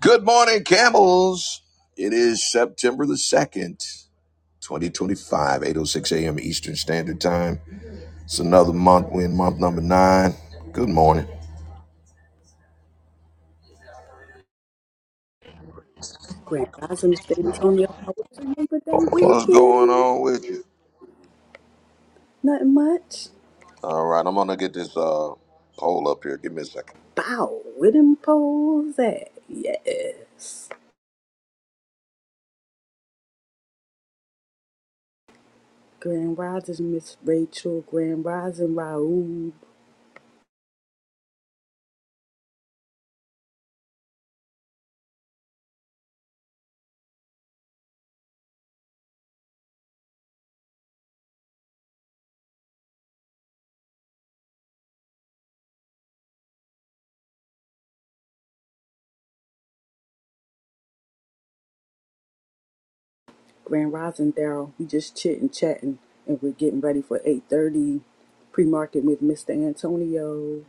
Good morning, camels. It is September the 2nd, eight oh six a.m. Eastern Standard Time. It's another month. We're in month number nine. Good morning. Grand Rising, San Antonio. How was your Labor Day What's going weekend? on with you? Nothing much. All right, I'm going to get this uh, poll up here. Give me a second. Bow with them poles at. Yes. Grand Rising, Miss Rachel. Grand Rising, Raul. Grand Rising, Daryl. We just chitting, chatting, and we're getting ready for 8.30 pre-market with Mr. Antonio.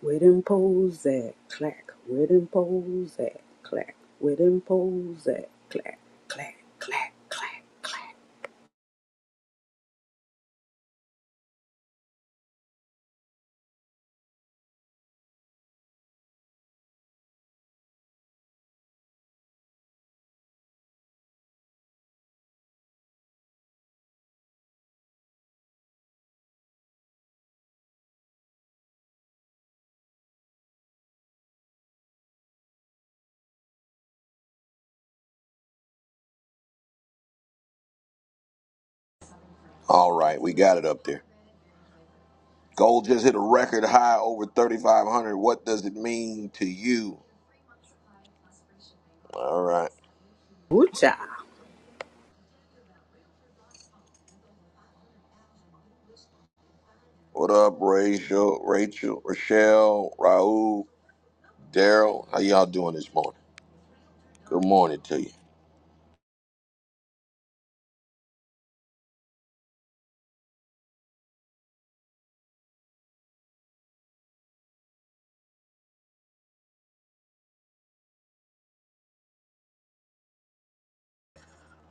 Where them poles at? Clack. Where them poles at? Clack. Where them poles at? Clack. Clack, clack, clack, clack. All right, we got it up there. Gold just hit a record high over 3,500. What does it mean to you? All right. Ooh, What up, Rachel, Rachel, Rochelle, Raul, Daryl? How y'all doing this morning? Good morning to you.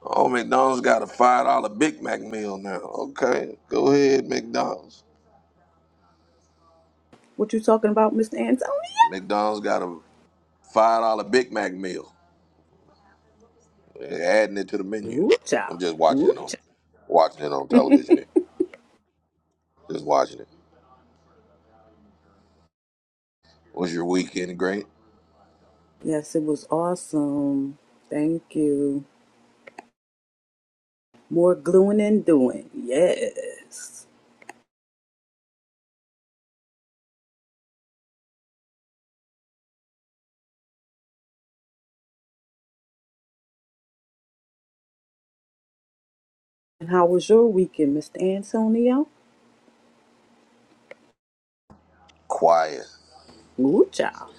Oh, McDonald's got a five dollar Big Mac meal now. Okay, go ahead, McDonald's. What you talking about, Mr. Antonio? McDonald's got a five dollar Big Mac meal. They're adding it to the menu. Ooh, I'm child. just watching Ooh, it on, watching it on child. television. Here. Just watching it. Was your weekend great? yes, it was awesome. Thank you. More gluing and doing. Yes. And how was your weekend, Mr. Antonio? Quiet. Ooh, child.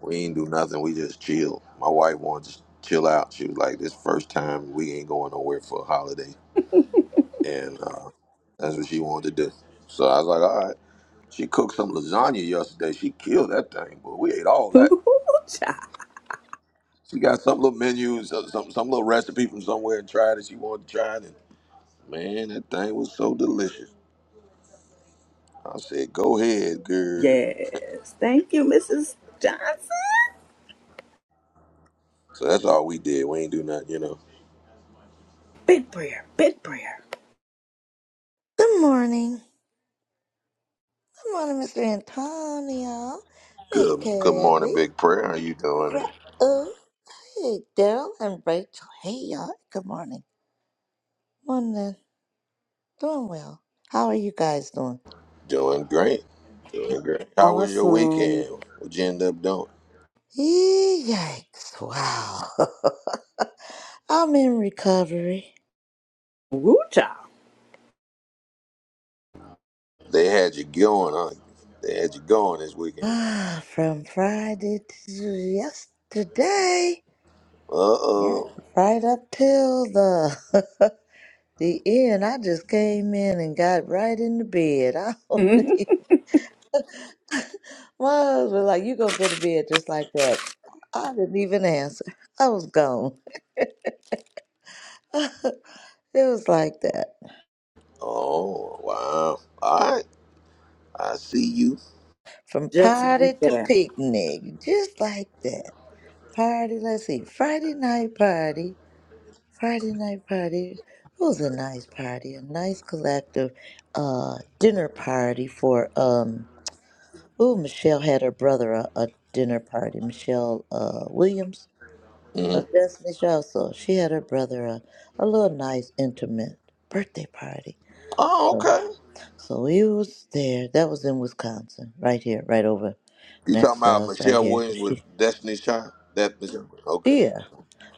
We ain't do nothing. We just chill. My wife wanted to chill out. She was like, "This first time we ain't going nowhere for a holiday," and uh, that's what she wanted to do. So I was like, "All right." She cooked some lasagna yesterday. She killed that thing, but we ate all that. Ooh, child. She got some little menus, some some some little recipe from somewhere and tried it. She wanted to try it, and man, that thing was so delicious. I said, "Go ahead, girl." Yes. Thank you, Mrs. Johnson. So that's all we did. We ain't do nothing, you know. Big prayer. Big prayer. Good morning. Good morning, Mr. Antonio, Miss Good, good morning, Kelly, big prayer. How you doing? Raul, hey, Daryl, and Rachel. Hey, y'all. Good morning. Morning. Doing well. How are you guys doing? Doing great. Doing great. How was your Awesome. weekend? What you end up doing? Yee, Yikes. Wow. I'm in recovery. Ooh, child. They had you going, huh? They had you going this weekend. Ah, from Friday to yesterday. Uh Yeah. oh. Right up till the the end. I just came in and got right into bed. I Mhm. don't My but like, you gonna go to bed just like that. I didn't even answer. I was gone. it was like that. Oh wow. All right. I see you. From Just party like to that. picnic, just like that. Party, let's see, Friday night party. Friday night party. It was a nice party, a nice collective uh, dinner party for, um, oh, Michelle had her brother a, a dinner party, Michelle uh, Williams hmm of Destiny Child. So she had her brother a, a little nice intimate birthday party. Oh, Oh. okay. So we was there. That was in Wisconsin, right here, right over You talking next to about us, right Michelle here. 'cause Williams she, with Destiny's Child? That Michelle? Okay, yeah,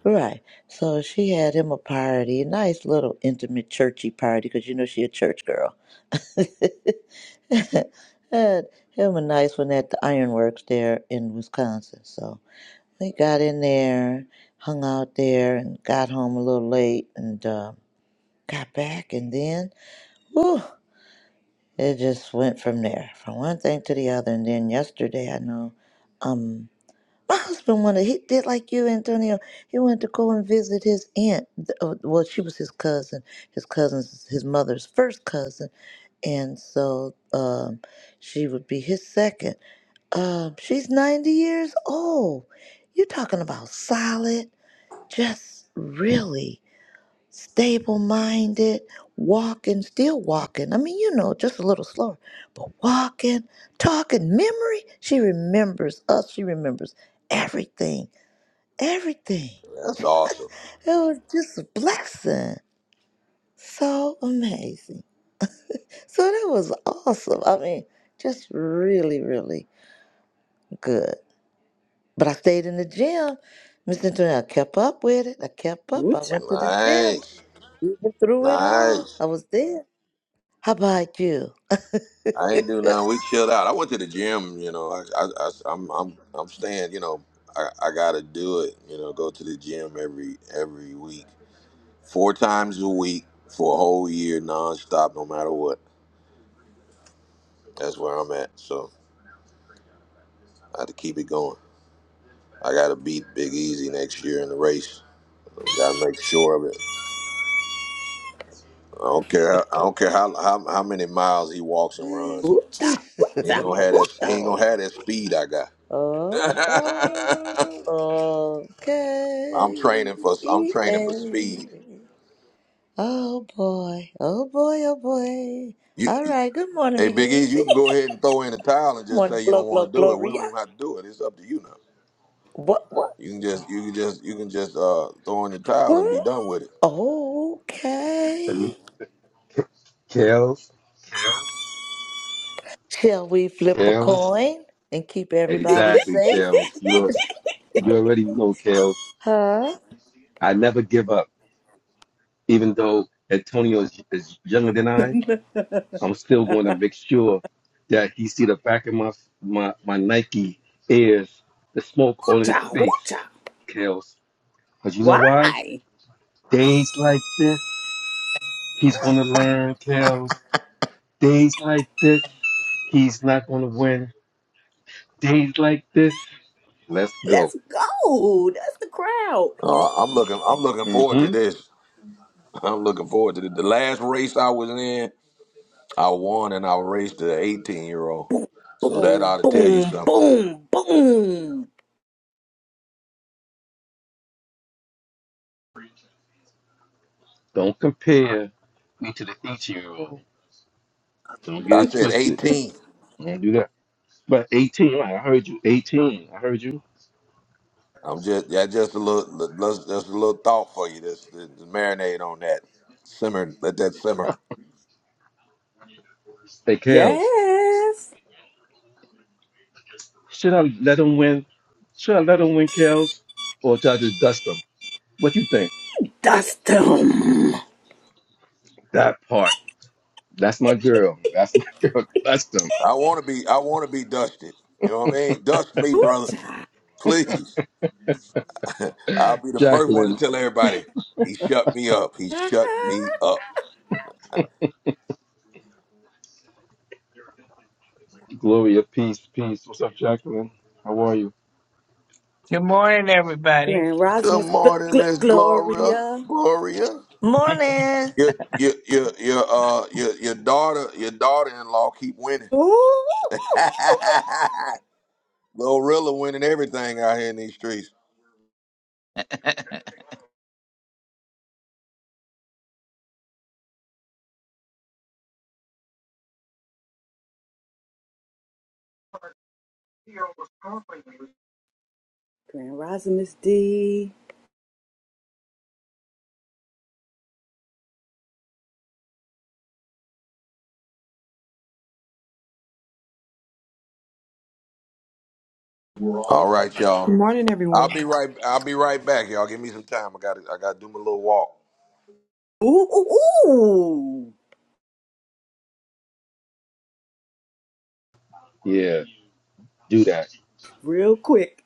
right. So she had him a party, a nice little intimate churchy party, because you know she a church girl. had him a nice one at the ironworks there in Wisconsin. So we got in there, hung out there, and got home a little late, and. Uh, got back, and then whew, it just went from there, from one thing to the other. And then yesterday, I know um, my husband wanted he did like you, Antonio. He wanted to go and visit his aunt. th- uh, Well, she was his cousin, his cousin's his mother's first cousin, and so um, she would be his second. Um, she's ninety years old. You're talking about solid, just really stable minded, walking, still walking. I mean, you know, just a little slower, but walking, talking, memory. She remembers us, she remembers everything, everything. that's awesome. It was just a blessing. So amazing. So that was awesome. I mean, just really, really good. But I stayed in the gym. Miss Antoinette, I kept up with it. I kept up. Ooh, I child. went to the gym. Nice, Went through it all. nice. I was there. How about you? I ain't do nothing. We chilled out. I went to the gym. You know, I, I, I I'm, I'm, I'm staying. You know, I, I gotta do it. You know, go to the gym every, every week, four times a week for a whole year, nonstop, no matter what. That's where I'm at. So I had to keep it going. I gotta beat Big Easy next year in the race. Gotta make sure of it. I don't care. I don't care how how, how many miles he walks and runs. oh, Ooh, child. Ooh, He ain't child. gonna have Ooh, that. He child. ain't gonna have that speed I got. oh, oh, K-E-A. I'm training for. I'm training for speed. Oh boy, oh boy, oh boy. You, All you- right, good morning, hey, Big Big E, Easy. you can go ahead and throw in the towel and just Morning, say you Glo don't Glo want to do it. We don't Gloria. even have to do it. It's up to you now. What, what? You can just, you can just, you can just uh, throw in the towel and be Ooh, done with it. Let me, Okay. Kels. Kels. Shall we flip a Kels. coin and keep everybody Exactly, safe? Kels. You're you already know, Kels. Huh? I never give up, even though Antonio is, is younger than I. I'm still going to make sure that he see the back of my my my Nike ears, the smoke Ooh, on his child. Ooh, face, child. Kels. Cause you know why? Why? Days like this, he's gonna learn, Kels. Days like this, he's not gonna win. Days like this, let's go. Let's go. That's the crowd. Uh, I'm looking, I'm looking forward to hmm this. I'm looking forward to this. The last race I was in, I won, and I raced the 18 year old. So that Boom, ought to tell you boom, something. boom, boom. Don't compare me to the 18 year old. Don't get I it said twisted. 18. Don't do that. But 18, right? I heard you. 18. I heard you. I'm just yeah, just a little li- li- just a little thought for you. Just, just marinate on that. Simmer, let that simmer. Hey, Kels, Yes. should I let him win? Should I let him win, Kels? Or should I just dust him? What you think? Dust them. That part. That's my girl. That's my girl. Dust him. I want to be I want to be dusted. You know what I mean? Dust me, brother. Ooh-cha. Please. I'll be the first one to Jacqueline, tell everybody. He shut me up. He shut me up. Gloria, peace, peace. What's up, Jacqueline? How are you? Good morning, everybody. Grand Good Rosimus, gl- morning, gl- Miss Gloria. Gloria. Gloria. Morning. Your your your your uh your your daughter your daughter in law keep winning. Ooh, ooh, ooh. Glorilla winning everything out here in these streets. Grand Rosimus D. All right, Good y'all. morning, I'll everyone. be right. I'll be right back, y'all. Give me some time. I got. to I got to do my little walk. Ooh, ooh, ooh. Yeah, do that. Real quick.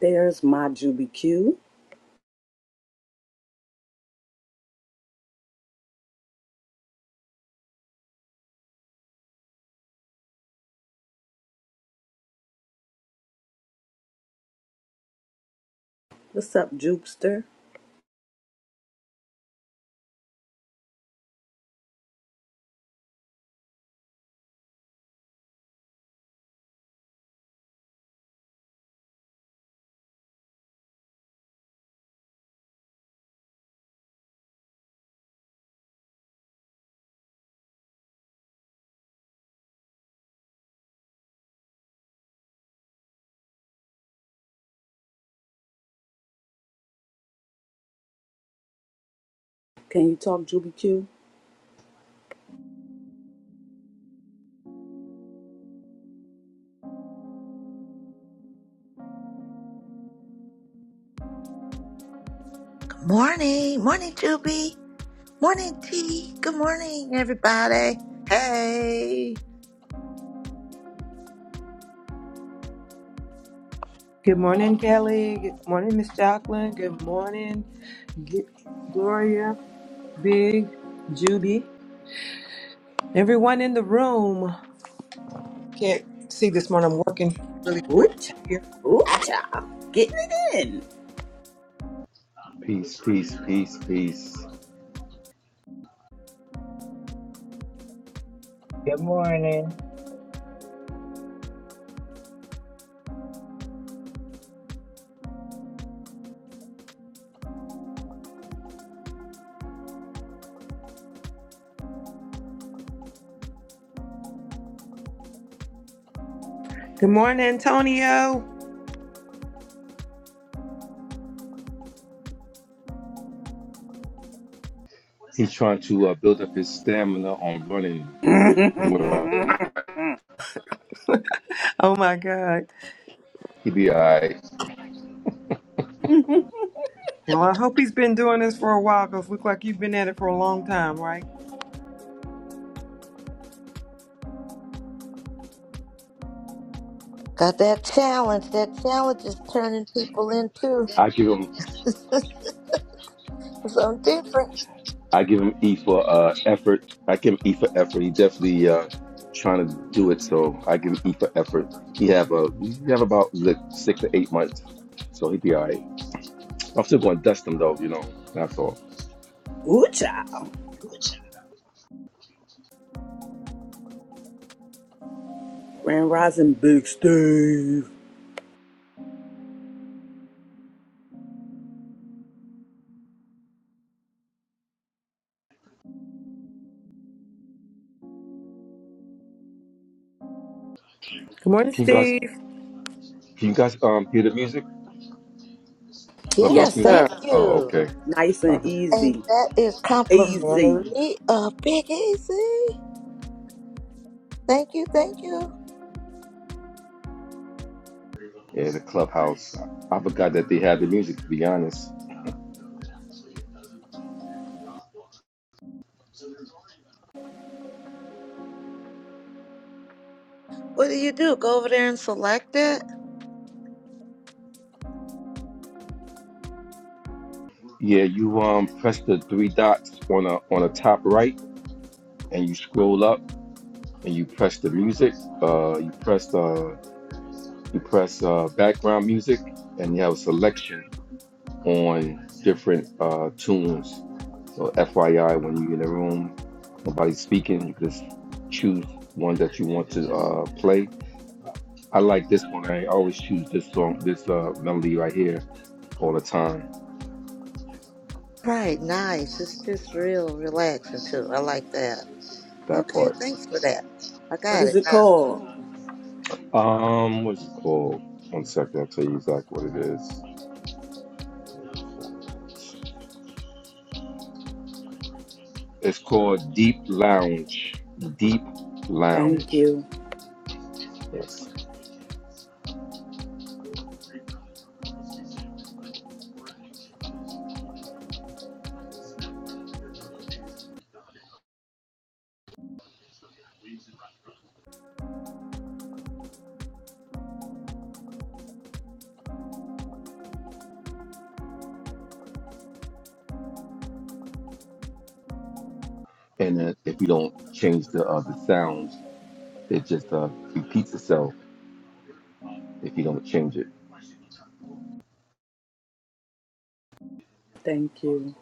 There's my Juby Q. What's up, Jupster? Can you talk Juby Q? Good morning. Morning, Juby. Morning, T. Good morning, everybody. Hey. Good morning, Kelly. Good morning, Miss Jacqueline. Good morning, G- Gloria, Big, Judy. Everyone in the room. Can't see this morning. I'm working really quick Ooh-cha. here. Ooh-cha. Getting it in. Peace, peace, peace, peace. Good morning. Good morning, Antonio. He's trying to uh, build up his stamina on running. Oh my God. He be all right. Well, I hope he's been doing this for a while because look like you've been at it for a long time, right? Got that challenge. That challenge is turning people into I give him something different. I give him E for uh effort. I give him E for effort. He definitely uh trying to do it, so I give him E for effort. He have a he have about like six to eight months, so he be all right. I'm still going to dust him though, you know. That's all. Ooh, child. Grand Rising Big Steve. Good morning, Can you guys Steve. can you guys um hear the music? Yes, Yes, Clubhouse music? sir. thank Oh, you. okay. Nice and Copy. And easy. that is Easy. complimentary of Big Easy. Thank you, thank you. Yeah, the clubhouse. I forgot that they had the music. To be honest, What do you do? Go over there and select it? yeah, you um press the three dots on a on the top right, and you scroll up and you press the music. Uh, you press uh, you press uh, background music, and you have a selection on different uh, tunes. So FYI, when you're in a room, nobody's speaking, you just choose one that you want to uh, play. I like this one. I always choose this song, this uh, melody right here all the time. Right, nice. It's just real relaxing too. I like that. That Okay, part. thanks for that. I What got is it it now. called? Um, what's it called? One second, I'll tell you exactly what it is. It's called Deep Lounge. Deep Thank Lounge. you. Yes. and uh, if you don't change the uh, the sounds, it just uh, repeats itself if you don't change it. Thank you.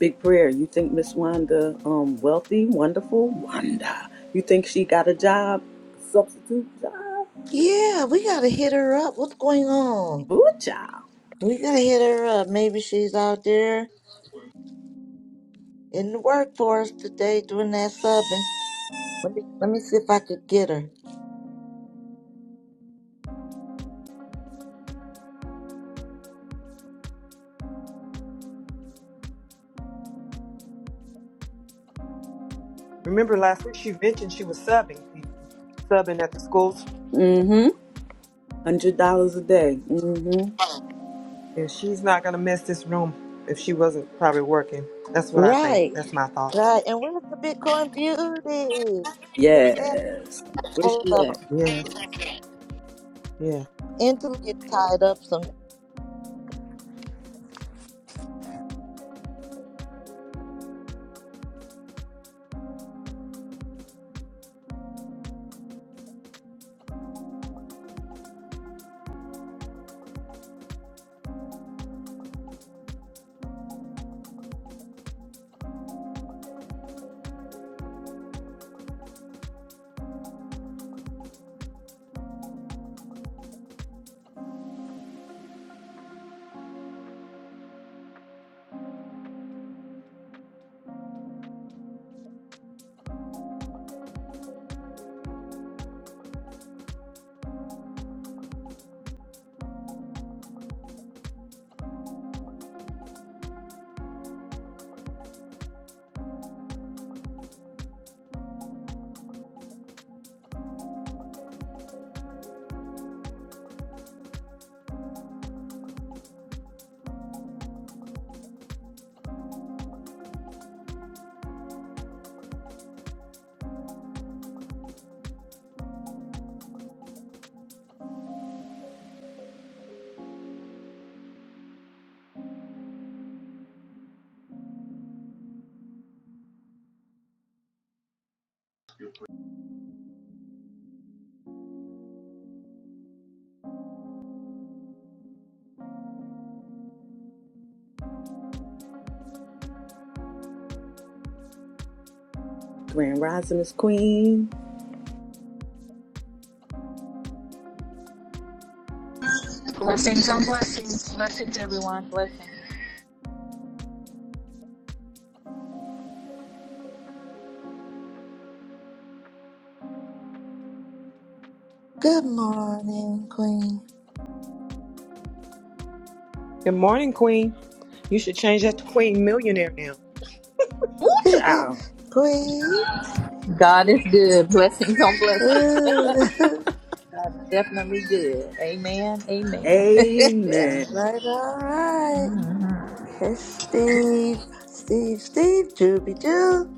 Big prayer. You think Miss Wanda um wealthy, wonderful? Wanda. You think she got a job? Substitute job? Yeah, we gotta hit her up. What's going on? Ooh, child. We gotta hit her up. Maybe she's out there in the workforce today doing that subbing. Let me let me see if I could get her. Remember last week she mentioned she was subbing people, subbing at the schools. Mm-hmm. Hundred dollars a day. Mm-hmm. And she's not gonna miss this room if she wasn't probably working. That's what I think. Right. That's my thought. Right, and where's the Bitcoin beauty? This Angela, Yes. let me get Where's both she of them. at? Yeah. Yeah. Angela get tied up some. Grand Rising is Queen. Blessings on blessings. Blessings, everyone. Blessings. Good morning, Queen. Good morning, Queen. You should change that to Queen Millionaire now. Child. Queen. God is good. Blessings on blessings. Ooh. God is definitely good. Amen. Amen. All Amen. right, all right. It's Steve, Steve, Steve, Juby Jew.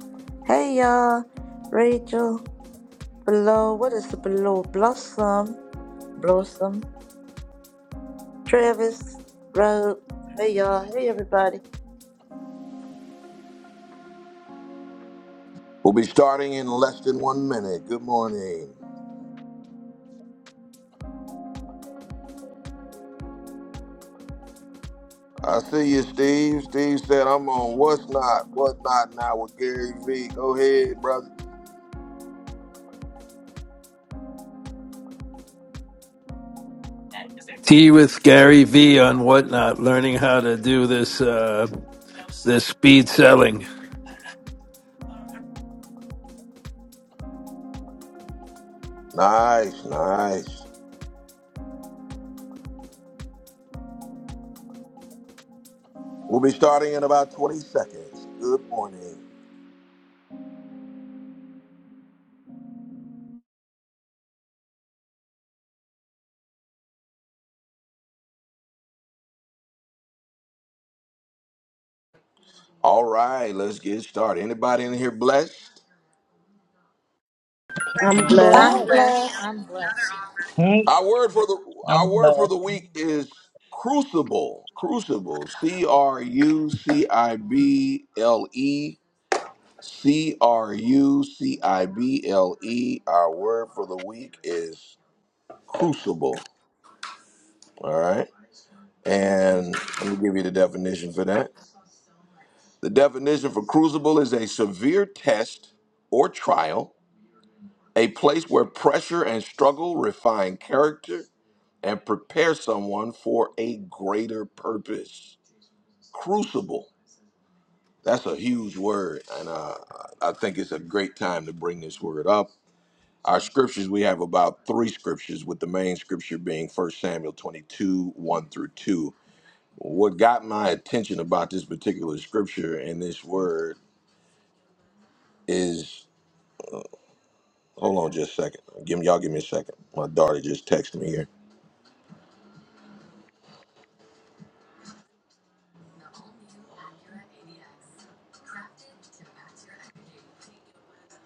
Hey, y'all. Rachel. Blow, what is the blow? Blossom, Blossom, Travis, Rob. Hey y'all, hey everybody. We'll be starting in less than one minute. Good morning. I see you, Steve. Steve said I'm on What's Not, What Not Now with Gary V. Go ahead, brother. Tea with Gary V on whatnot, learning how to do this uh, this speed selling. Nice, nice. We'll be starting in about 20 seconds. Good morning. All right, let's get started. Anybody in here blessed? I'm blessed. I'm I'm Bless. blessed. blessed. I'm blessed. Hmm, Our word for the our I'm word for blessed. the week is crucible. Crucible. C R U C I B L E. C R U C I B L E. Our word for the week is crucible. All right. And let me give you the definition for that. The definition for crucible is a severe test or trial, a place where pressure and struggle refine character and prepare someone for a greater purpose. Crucible. That's a huge word, and uh, I think it's a great time to bring this word up. Our scriptures, we have about three scriptures, with the main scripture being 1 Samuel 22, 1 through 2. What got my attention about this particular scripture and this word is, hold on just a second. Give me, y'all give me a second. My daughter just texted me here.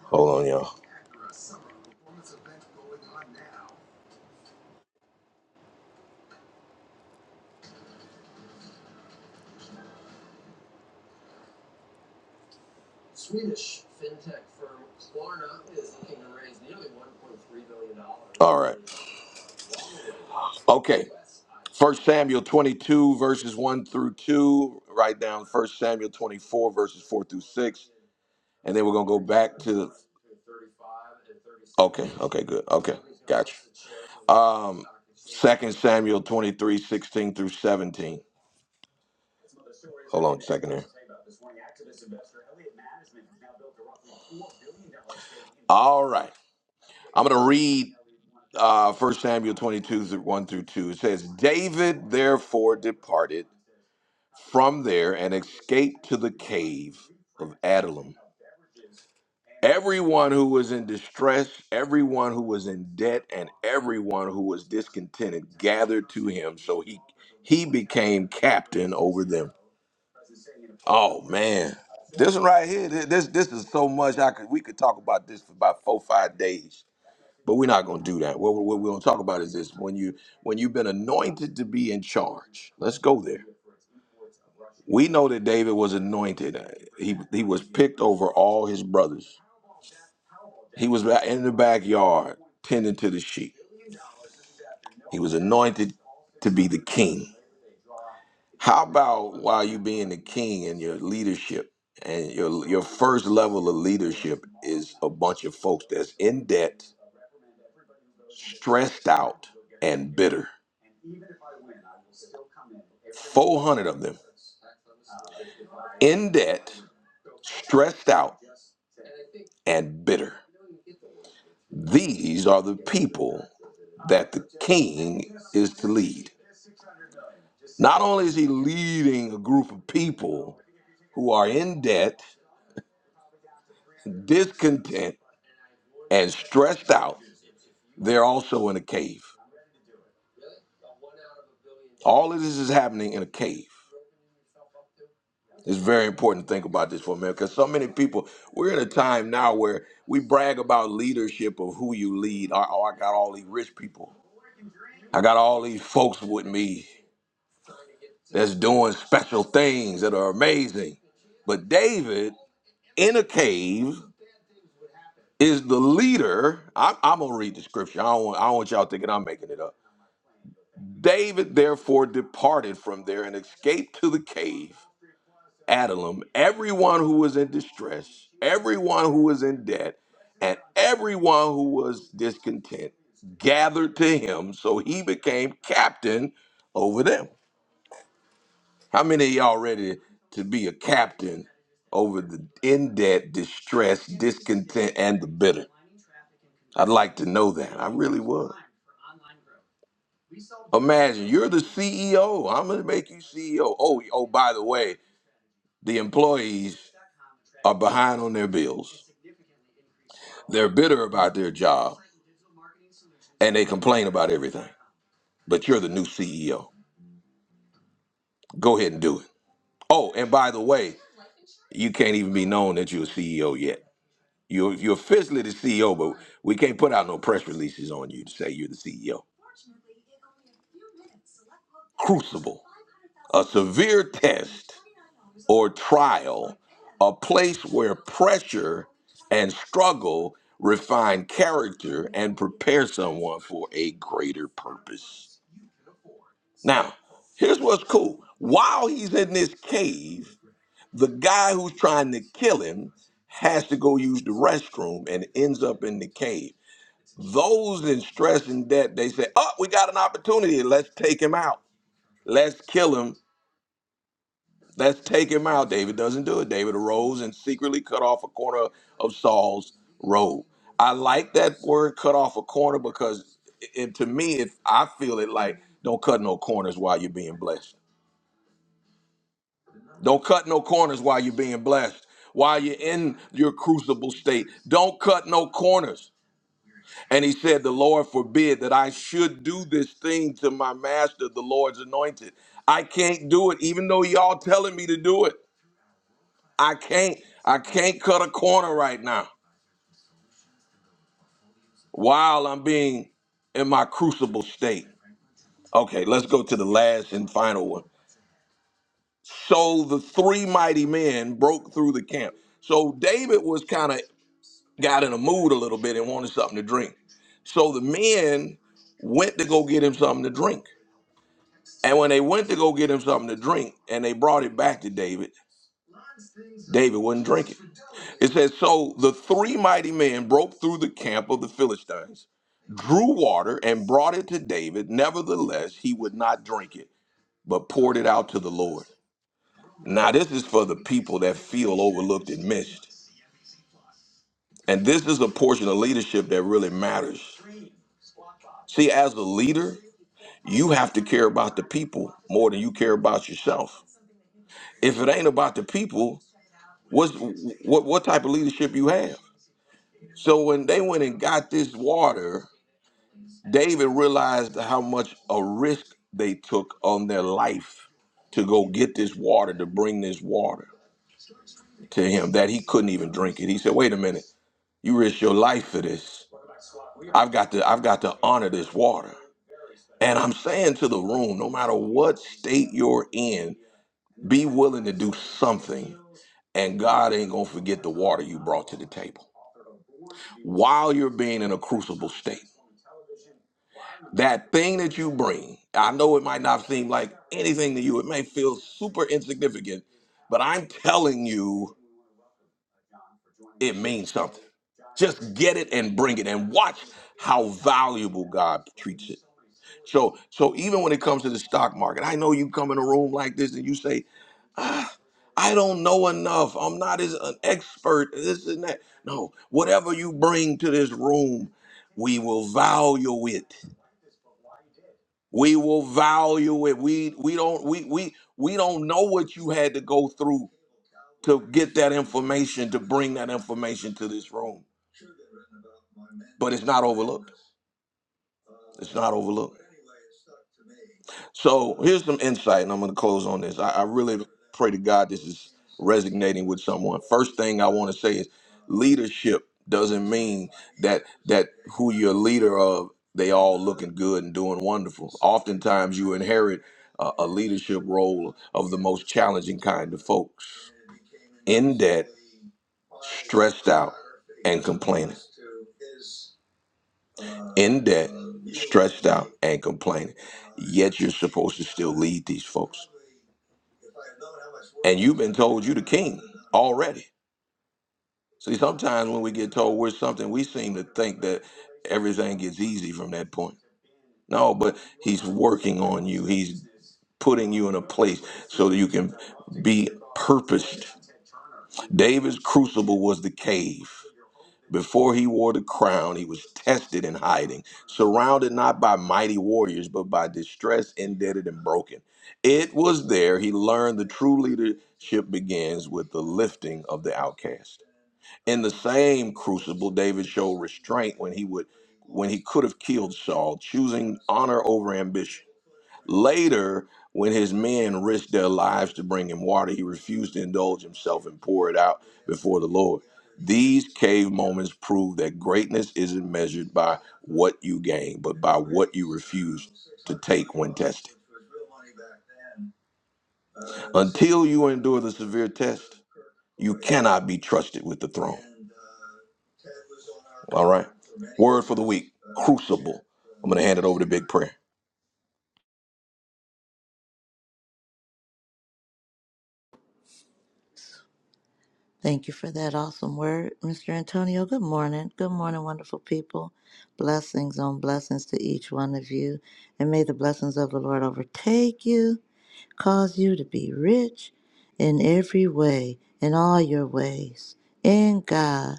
Hold on, y'all. dollars. All right. Okay. First Samuel 22 verses 1 through 2. Write down First Samuel 24 verses 4 through 6. And then we're going to go back to Okay. Okay. Good. Okay. Gotcha. Um, Second Samuel 23 16 through 17. Hold on a second here. All right. I'm going to read. uh, 1 Samuel 22, through 1 through 2. It says, David therefore departed from there and escaped to the cave of Adullam. Everyone who was in distress, everyone who was in debt, and everyone who was discontented gathered to him, so he he became captain over them. Oh man, this one right here, th- this this is so much I could we could talk about this for about four five days. But we're not going to do that. What, what we're going to talk about is this: when you when you've been anointed to be in charge, let's go there. We know that David was anointed. He he was picked over all his brothers. He was ba- in the backyard tending to the sheep. He was anointed to be the king. How about while you being the king and your leadership and your your first level of leadership is a bunch of folks that's in debt, stressed out, and bitter. 400 of them. in debt, stressed out, and bitter. These are the people that the king is to lead. Not only is he leading a group of people who are in debt, discontent, and stressed out, they're also in a cave. All of this is happening in a cave. It's very important to think about this for a minute because so many people, we're in a time now where we brag about leadership of who you lead. Oh, oh, I got all these rich people. I got all these folks with me that's doing special things that are amazing. But David in a cave is the leader. I'm, I'm gonna read the scripture. I don't, want, I don't want y'all thinking I'm making it up. David therefore departed from there and escaped to the cave. Adullam, everyone who was in distress, everyone who was in debt, and everyone who was discontent gathered to him, so he became captain over them. How many of y'all ready to be a captain over the in debt, distress, discontent, and the bitter? I'd like to know that. I really would. Imagine you're the CEO. I'm gonna make you CEO. Oh, oh, by the way, the employees are behind on their bills. They're bitter about their job and they complain about everything. But you're the new CEO. Go ahead and do it. Oh, and by the way, you can't even be known that you're a CEO yet. You're you're officially the CEO, but we can't put out no press releases on you to say you're the CEO. Crucible, a severe test or trial, a place where pressure and struggle refine character and prepare someone for a greater purpose. Now, here's what's cool. While he's in this cave, the guy who's trying to kill him has to go use the restroom and ends up in the cave. Those in stress and debt, they say, Oh, we got an opportunity. Let's take him out. Let's kill him. Let's take him out. David doesn't do it. David arose and secretly cut off a corner of Saul's robe. I like that word cut off a corner because it, to me, if I feel it like don't cut no corners while you're being blessed Don't cut no corners while you're being blessed, while you're in your crucible state. Don't cut no corners. And he said, The Lord forbid that I should do this thing to my master, the Lord's anointed. I can't do it, even though y'all telling me to do it. I can't. I can't cut a corner right now while I'm being in my crucible state. Okay, let's go to the last and final one. So the three mighty men broke through the camp. So David was kind of got in a mood a little bit and wanted something to drink. So the men went to go get him something to drink. And when they went to go get him something to drink and they brought it back to David, David wouldn't drink it. It says, So the three mighty men broke through the camp of the Philistines, drew water, and brought it to David. Nevertheless, he would not drink it, but poured it out to the Lord. Now, this is for the people that feel overlooked and missed. And this is a portion of leadership that really matters. See, as a leader, You have to care about the people more than you care about yourself. If it ain't about the people, what's, what what type of leadership you have? So when they went and got this water, David realized how much a risk they took on their life to go get this water, to bring this water to him that he couldn't even drink it. He said, "Wait a minute, you risked your life for this. I've got to I've got to honor this water." And I'm saying to the room, no matter what state you're in, Be willing to do something, and God ain't gonna forget the water you brought to the table while you're being in a crucible state. That thing that you bring, I know it might not seem like anything to you, it may feel super insignificant, but I'm telling you, it means something. Just get it and bring it and watch how valuable God treats it. So so even when it comes to the stock market, I know you come in a room like this and you say, I don't know enough. I'm not as an expert. This and that. No, whatever you bring to this room, we will value it. We will value it. We we don't we we we don't know what you had to go through to get that information to bring that information to this room. But it's not overlooked. It's not overlooked. So here's some insight, and I'm going to close on this. I, I really pray to God this is resonating with someone. First thing I want to say is leadership doesn't mean that that who you're a leader of they all looking good and doing wonderful. Oftentimes you inherit a, a leadership role of the most challenging kind of folks in debt, stressed out, and complaining in debt, stretched out, and complaining. Yet you're supposed to still lead these folks. And you've been told you the king already. See, sometimes when we get told we're something, we seem to think that everything gets easy from that point. No, but he's working on you. He's putting you in a place so that you can be purposed. David's crucible was the cave. Before he wore the crown, he was tested in hiding, surrounded not by mighty warriors, but by distress, indebted, and broken. It was there he learned the true leadership begins with the lifting of the outcast. In the same crucible, David showed restraint when he would when he could have killed Saul, choosing honor over ambition. Later, when his men risked their lives to bring him water, he refused to indulge himself and pour it out before the Lord. These cave moments prove that greatness isn't measured by what you gain, but by what you refuse to take when tested. Until you endure the severe test, you cannot be trusted with the throne. All right? Word for the week crucible. I'm going to hand it over to Big Prayer. Thank you for that awesome word, Mr. Antonio. Good morning. Good morning, wonderful people. Blessings on blessings to each one of you. And may the blessings of the Lord overtake you, cause you to be rich in every way, in all your ways, in God.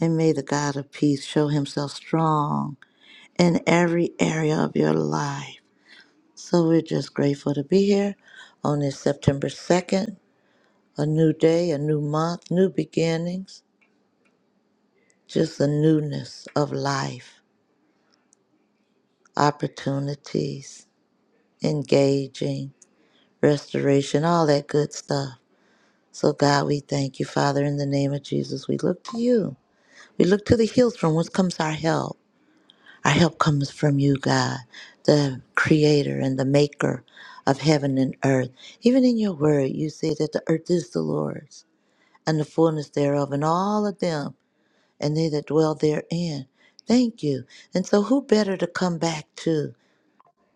And may the God of peace show himself strong in every area of your life. So we're just grateful to be here on this September 2nd, a new day, a new month, new beginnings, just a newness of life, opportunities, engaging, restoration, all that good stuff. So, God, we thank you, Father, in the name of Jesus. We look to you. We look to the hills from whence comes our help. Our help comes from you, God, the creator and the maker of heaven and earth. Even in your word, you say that the earth is the Lord's and the fullness thereof, and all of them, and they that dwell therein. Thank you. And so, who better to come back to?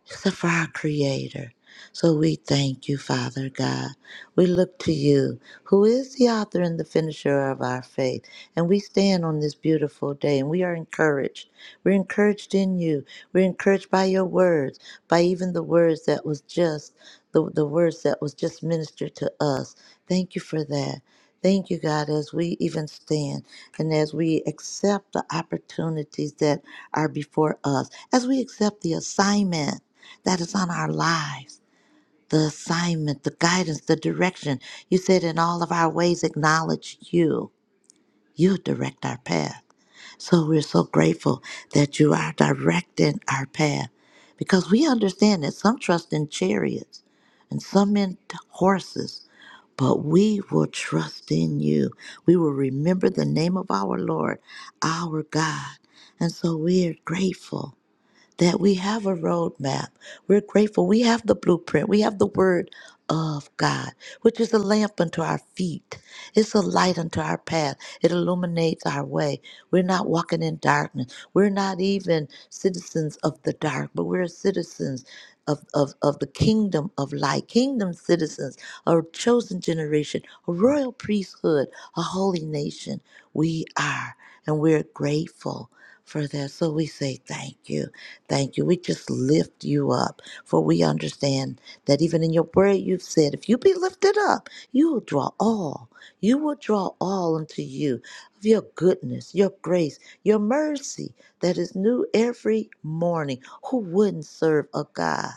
except for our Creator. So we thank you, Father God. We look to you, who is the author and the finisher of our faith. And we stand on this beautiful day and we are encouraged. We're encouraged in you. We're encouraged by your words, by even the words that was just the, the words that was just ministered to us. Thank you for that. Thank you, God, as we even stand and as we accept the opportunities that are before us, as we accept the assignment that is on our lives. The assignment, the guidance, the direction. You said, in all of our ways, acknowledge you. You direct our path. So we're so grateful that you are directing our path because we understand that some trust in chariots and some in horses, but we will trust in you. We will remember the name of our Lord, our God. And so we are grateful that we have a roadmap. We're grateful. We have the blueprint. We have the word of God, which is a lamp unto our feet. It's a light unto our path. It illuminates our way. We're not walking in darkness. We're not even citizens of the dark, but we're citizens of, of, of the kingdom of light, kingdom citizens, a chosen generation, a royal priesthood, a holy nation. We are, and we're grateful for that. So we say thank you. Thank you. We just lift you up, for we understand that even in your word, you've said, if you be lifted up, you will draw all. You will draw all unto you of your goodness, your grace, your mercy that is new every morning. Who wouldn't serve a God?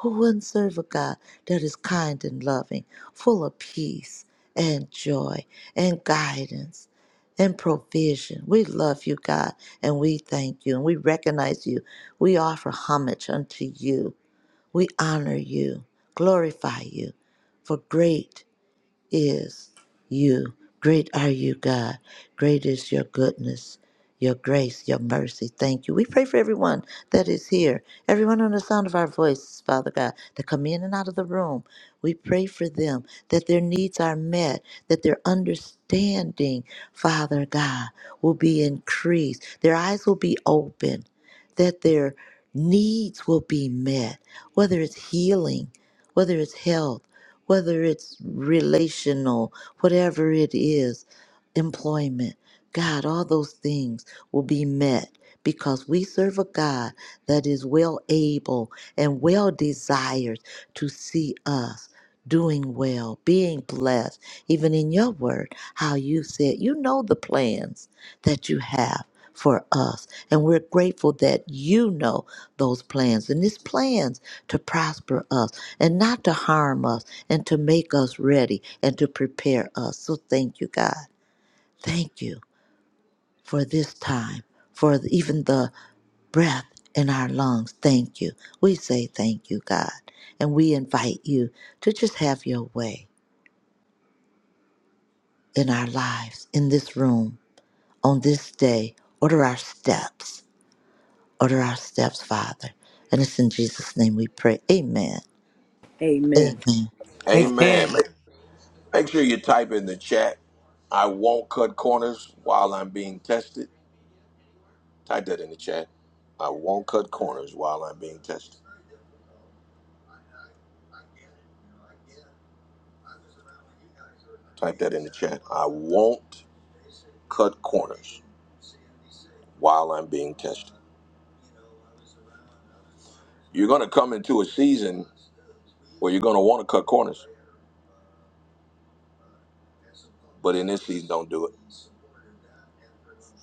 Who wouldn't serve a God that is kind and loving, full of peace and joy and guidance? and provision. We love you, God, and we thank you, and we recognize you. We offer homage unto you. We honor you, glorify you, for great is you. Great are you, God. Great is your goodness, your grace, your mercy. Thank you. We pray for everyone that is here, everyone on the sound of our voices, Father God, that come in and out of the room. We pray for them that their needs are met, that their understanding, Father God, will be increased, their eyes will be open, that their needs will be met, whether it's healing, whether it's health whether it's relational, whatever it is, employment, God, all those things will be met because we serve a God that is well able and well desired to see us doing well, being blessed, even in your word, how you said, you know the plans that you have for us. And we're grateful that you know those plans. And it's plans to prosper us and not to harm us and to make us ready and to prepare us. So thank you, God. Thank you for this time, for even the breath in our lungs. Thank you. We say thank you, God. And we invite you to just have your way in our lives, in this room, on this day. Order our steps Order our steps, Father. And it's in Jesus' name we pray. Amen. Amen. Amen. Amen. Amen. Make, Make sure you type in the chat. I won't cut corners while I'm being tested. Type that in the chat. I won't cut corners while I'm being tested. Type that in the chat. I won't cut corners while I'm being tested. You're going to come into a season where you're going to want to cut corners, but in this season, don't do it.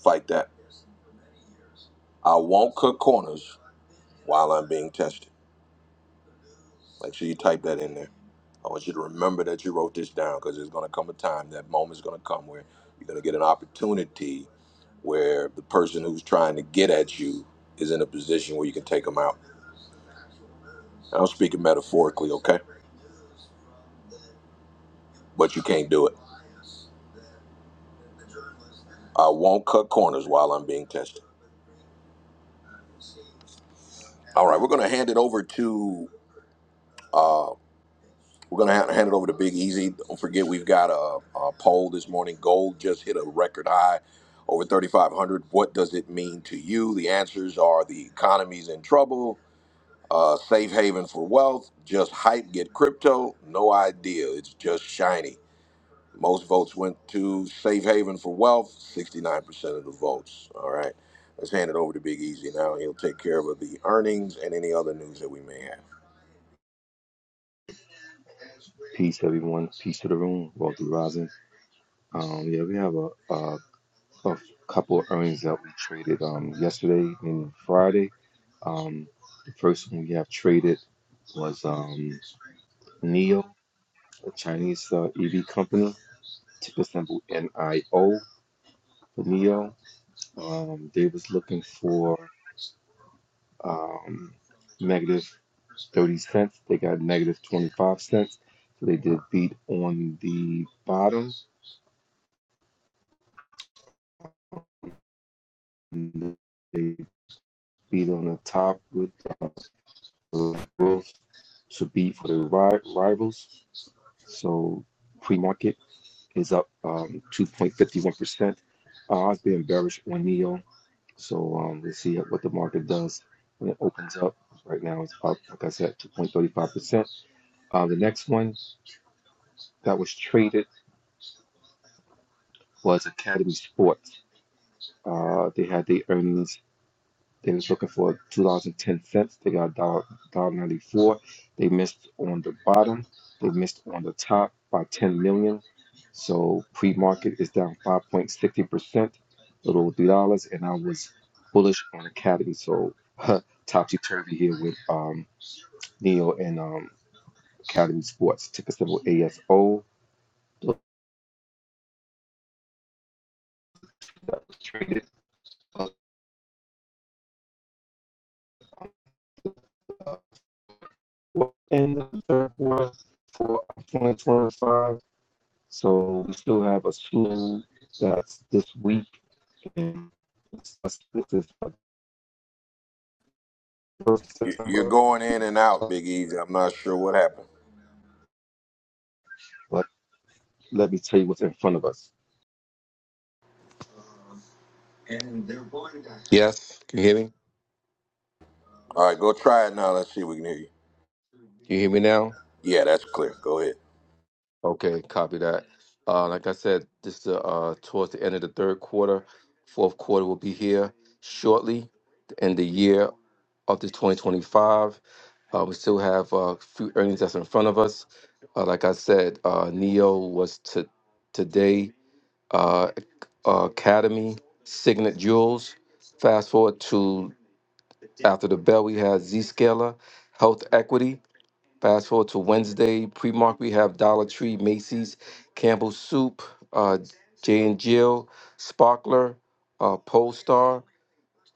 Fight that. I won't cut corners while I'm being tested. Make sure you type that in there. I want you to remember that you wrote this down because there's going to come a time, that moment's going to come where you're going to get an opportunity where the person who's trying to get at you is in a position where you can take them out. And I'm speaking metaphorically, okay? But you can't do it. I won't cut corners while I'm being tested. All right, we're going to hand it over to. Uh, we're going to ha- hand it over to Big Easy. Don't forget, we've got a, a poll this morning. Gold just hit a record high, over 3,500. What does it mean to you? The answers are the economy's in trouble Uh, safe haven for wealth. Just hype. Get crypto. No idea. It's just shiny. Most votes went to safe haven for wealth. Sixty-nine percent of the votes. All right. Let's hand it over to Big Easy now. He'll take care of the earnings and any other news that we may have. Peace, everyone. Peace to the room. Walter Rising. Um, yeah, we have a, a, a couple of earnings that we traded um, yesterday and Friday. Um, the first one we have traded was um, Neo, a Chinese uh, EV company, ticker symbol NIO. Nio. Um, they was looking for um, negative 30 cents. They got negative 25 cents. So they did beat on the bottom. And they beat on the top with uh, growth to beat for the ri- rivals. So pre market is up um, 2.51%. Uh, I've been bearish on NEO. So um, let's see what the market does when it opens up. Right now it's up, like I said, 2.35%. Uh, the next one that was traded was Academy Sports. Uh, they had the earnings. They was looking for two dollars and ten cents. They got dollar dollar ninety four. They missed on the bottom. They missed on the top by ten million. So pre market is down five point sixty percent, little over three dollars. And I was bullish on Academy, so topsy turvy here with um, Neo and um, Academy Sports. Ticker symbol ASO. Those traded uh, and the third quarter for 2025. So we still have a slew that's this week, and this is the first of You- You're September. going in and out, Big Easy. I'm not sure what happened. But let me tell you what's in front of us. And they're going to. Yes, can you hear me? All right, go try it now. Let's see if we can hear you. Can you hear me now? Yeah, that's clear. Go ahead. Okay, copy that. Uh, like I said, this is uh, towards the end of the third quarter. Fourth quarter will be here shortly. To end the year up to 2025. Uh, we still have uh, a few earnings that's in front of us. Uh, like I said, uh, Neo was to today. Uh, uh, Academy signals. Fast forward to after the bell, we have Zscaler, Health Equity. Fast forward to Wednesday pre-market, we have Dollar Tree, Macy's, Campbell Soup, uh, J and Jill, Sparkler, uh, Polestar.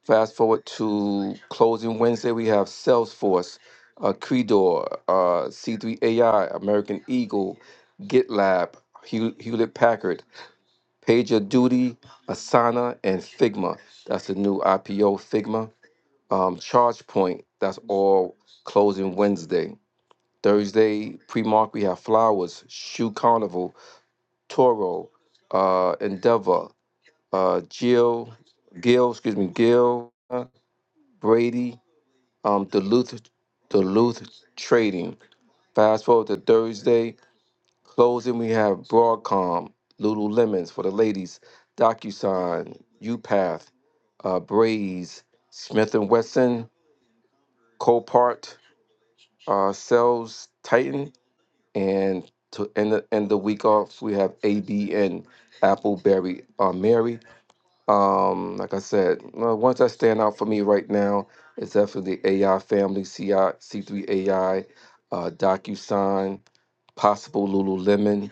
Fast forward to closing Wednesday, we have Salesforce, uh, Credor, uh, C3 AI, American Eagle, GitLab, Hew- Hewlett Packard, PagerDuty, Asana, and Figma. That's the new IPO Figma. Um, ChargePoint, that's all closing Wednesday. Thursday, pre mark, we have Flowers, Shoe Carnival, Toro, uh, Endeavor, uh, Jill, Gill, excuse me, Gill, Brady, um, Duluth, Duluth Trading. Fast forward to Thursday closing. We have Broadcom, Lululemons for the ladies, DocuSign, UPath, uh, Braze, Smith and Wesson, Copart, uh, Sales Titan, and to end the, end the week off we have ABN, Appleberry uh, Mary. Um, like I said, well, ones that stand out for me right now is definitely AI Family, CI, C3 AI, uh, DocuSign, Possible Lululemon,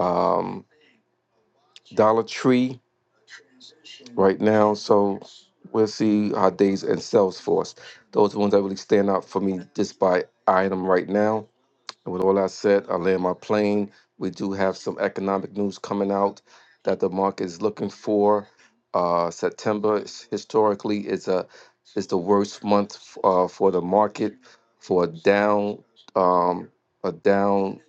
um, Dollar Tree right now. So we'll see how days and Salesforce. Those are the ones that really stand out for me just by eyeing them right now. And with all that said, I land my plane. We do have some economic news coming out that the market is looking for. Uh, September is- historically is a It's the worst month uh, for the market for a down um, a down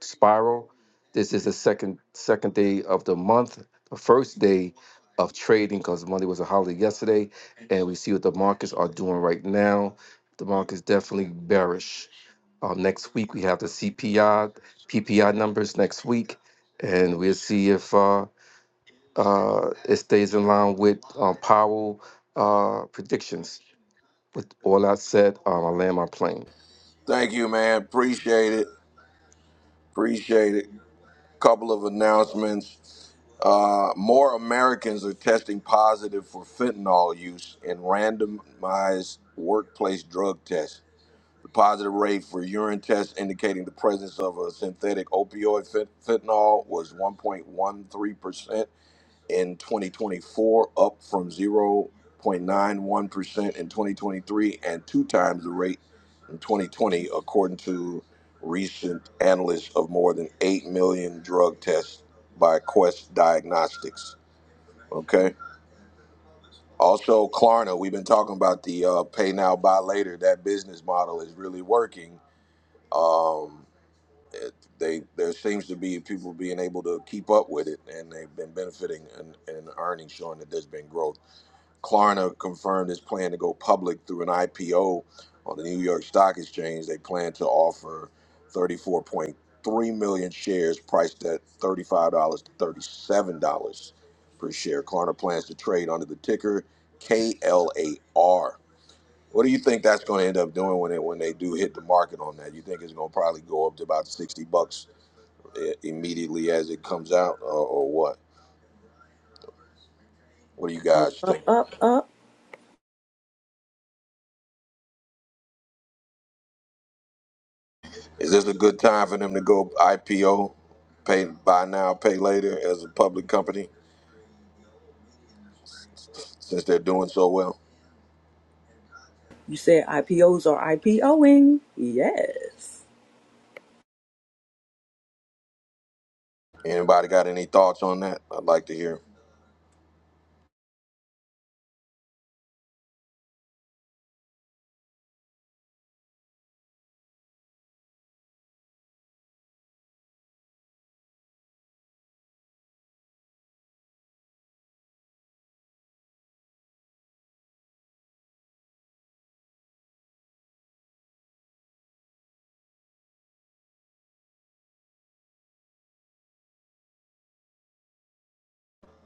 spiral. This is the second second day of the month, the first day of trading because Monday was a holiday yesterday, and we see what the markets are doing right now. The market's definitely bearish. Uh, next week we have the CPI, PPI numbers next week, and we'll see if uh, uh, it stays in line with uh, Powell uh, predictions. With all that said, um, I land my plane. Thank you, man. Appreciate it. Appreciate it. Couple of announcements. Uh, more Americans are testing positive for fentanyl use in randomized workplace drug tests. The positive rate for urine tests indicating the presence of a synthetic opioid fent- fentanyl was 1.13% in 2024, up from 0.91% in 2023 and two times the rate in 2020, according to recent analysts of more than 8 million drug tests by Quest Diagnostics. Okay. Also, Klarna, we've been talking about the uh, pay now, buy later. That business model is really working. Um, it, they there seems to be people being able to keep up with it, and they've been benefiting and, and earnings showing that there's been growth. Klarna confirmed its plan to go public through an IPO on the New York Stock Exchange. They plan to offer 34.3 million shares priced at $35 to $37 per share. Klarna plans to trade under the ticker KLAR. What do you think that's going to end up doing when it, when they do hit the market on that? You think it's going to probably go up to about 60 bucks i- immediately as it comes out or, or what? What do you Up, guys think? up, up, up. Is this a good time for them to go IPO, pay buy now, pay later, as a public company, since they're doing so well? You said IPOs are IPOing. Yes. Anybody got any thoughts on that? I'd like to hear.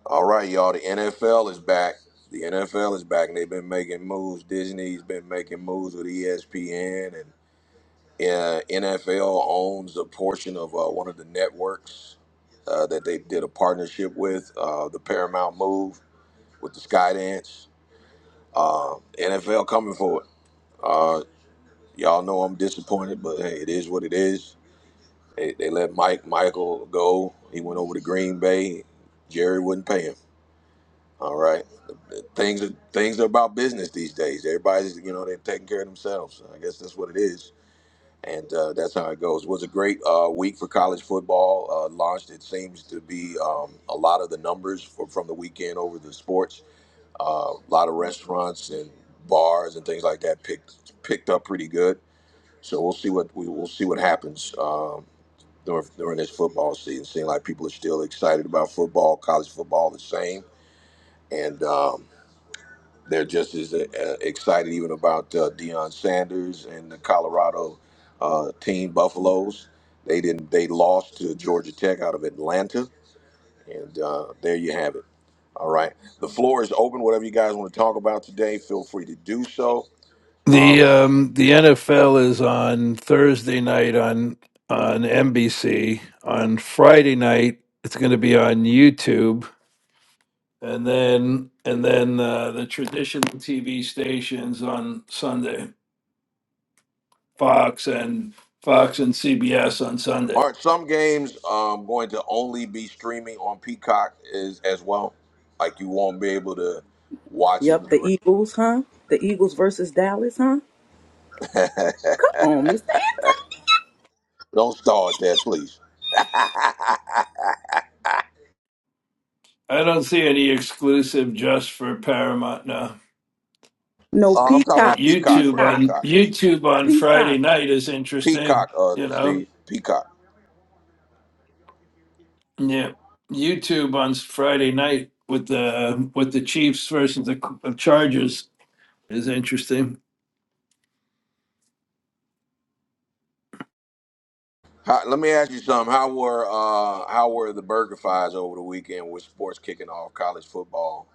All right, y'all. The NFL is back. The NFL is back, and they've been making moves. Disney's been making moves with ESPN, and uh, NFL owns a portion of uh, one of the networks uh, that they did a partnership with. Uh, the Paramount move with the Skydance. Uh, NFL coming for it. Y'all know I'm disappointed, but hey, it is what it is. They, they let Mike Michael go. He went over to Green Bay. Jerry wouldn't pay him. All right, things are things are about business these days. Everybody's you know they're taking care of themselves. I guess that's what it is, and uh, that's how it goes. It was a great uh, week for college football. Uh, launched it seems to be um, a lot of the numbers for, from the weekend over the sports. Uh, a lot of restaurants and bars and things like that picked picked up pretty good so we'll see what we will see what happens um, during during this football season. Seeing like people are still excited about football, college football the same, and um, they're just as uh, excited even about uh, Deion Sanders and the Colorado uh, team Buffaloes. They didn't. They lost to Georgia Tech out of Atlanta, and uh, there you have it. All right, the floor is open. Whatever you guys want to talk about today, feel free to do so. The um, the NFL is on Thursday night on on NBC. On Friday night, it's going to be on YouTube, and then and then uh, the traditional TV stations on Sunday, Fox and Fox and CBS on Sunday. Aren't some games um, going to only be streaming on Peacock is, as well? Like you won't be able to watch it. in Yep, the the Eagles, huh? The Eagles versus Dallas, huh? Come on, Mr. Anthony. Don't start that, please. uh, I don't see any exclusive just for Paramount. No, No, I'm talking But Peacock. about Peacock YouTube for Peacock. on Peacock. YouTube on Friday Peacock. night is interesting, Peacock, uh, you know. Steve. Peacock. Yeah, YouTube on Friday night with the with the Chiefs versus the Chargers is interesting. How, let me ask you something. How were uh, how were the burger fights over the weekend with sports kicking off, college football?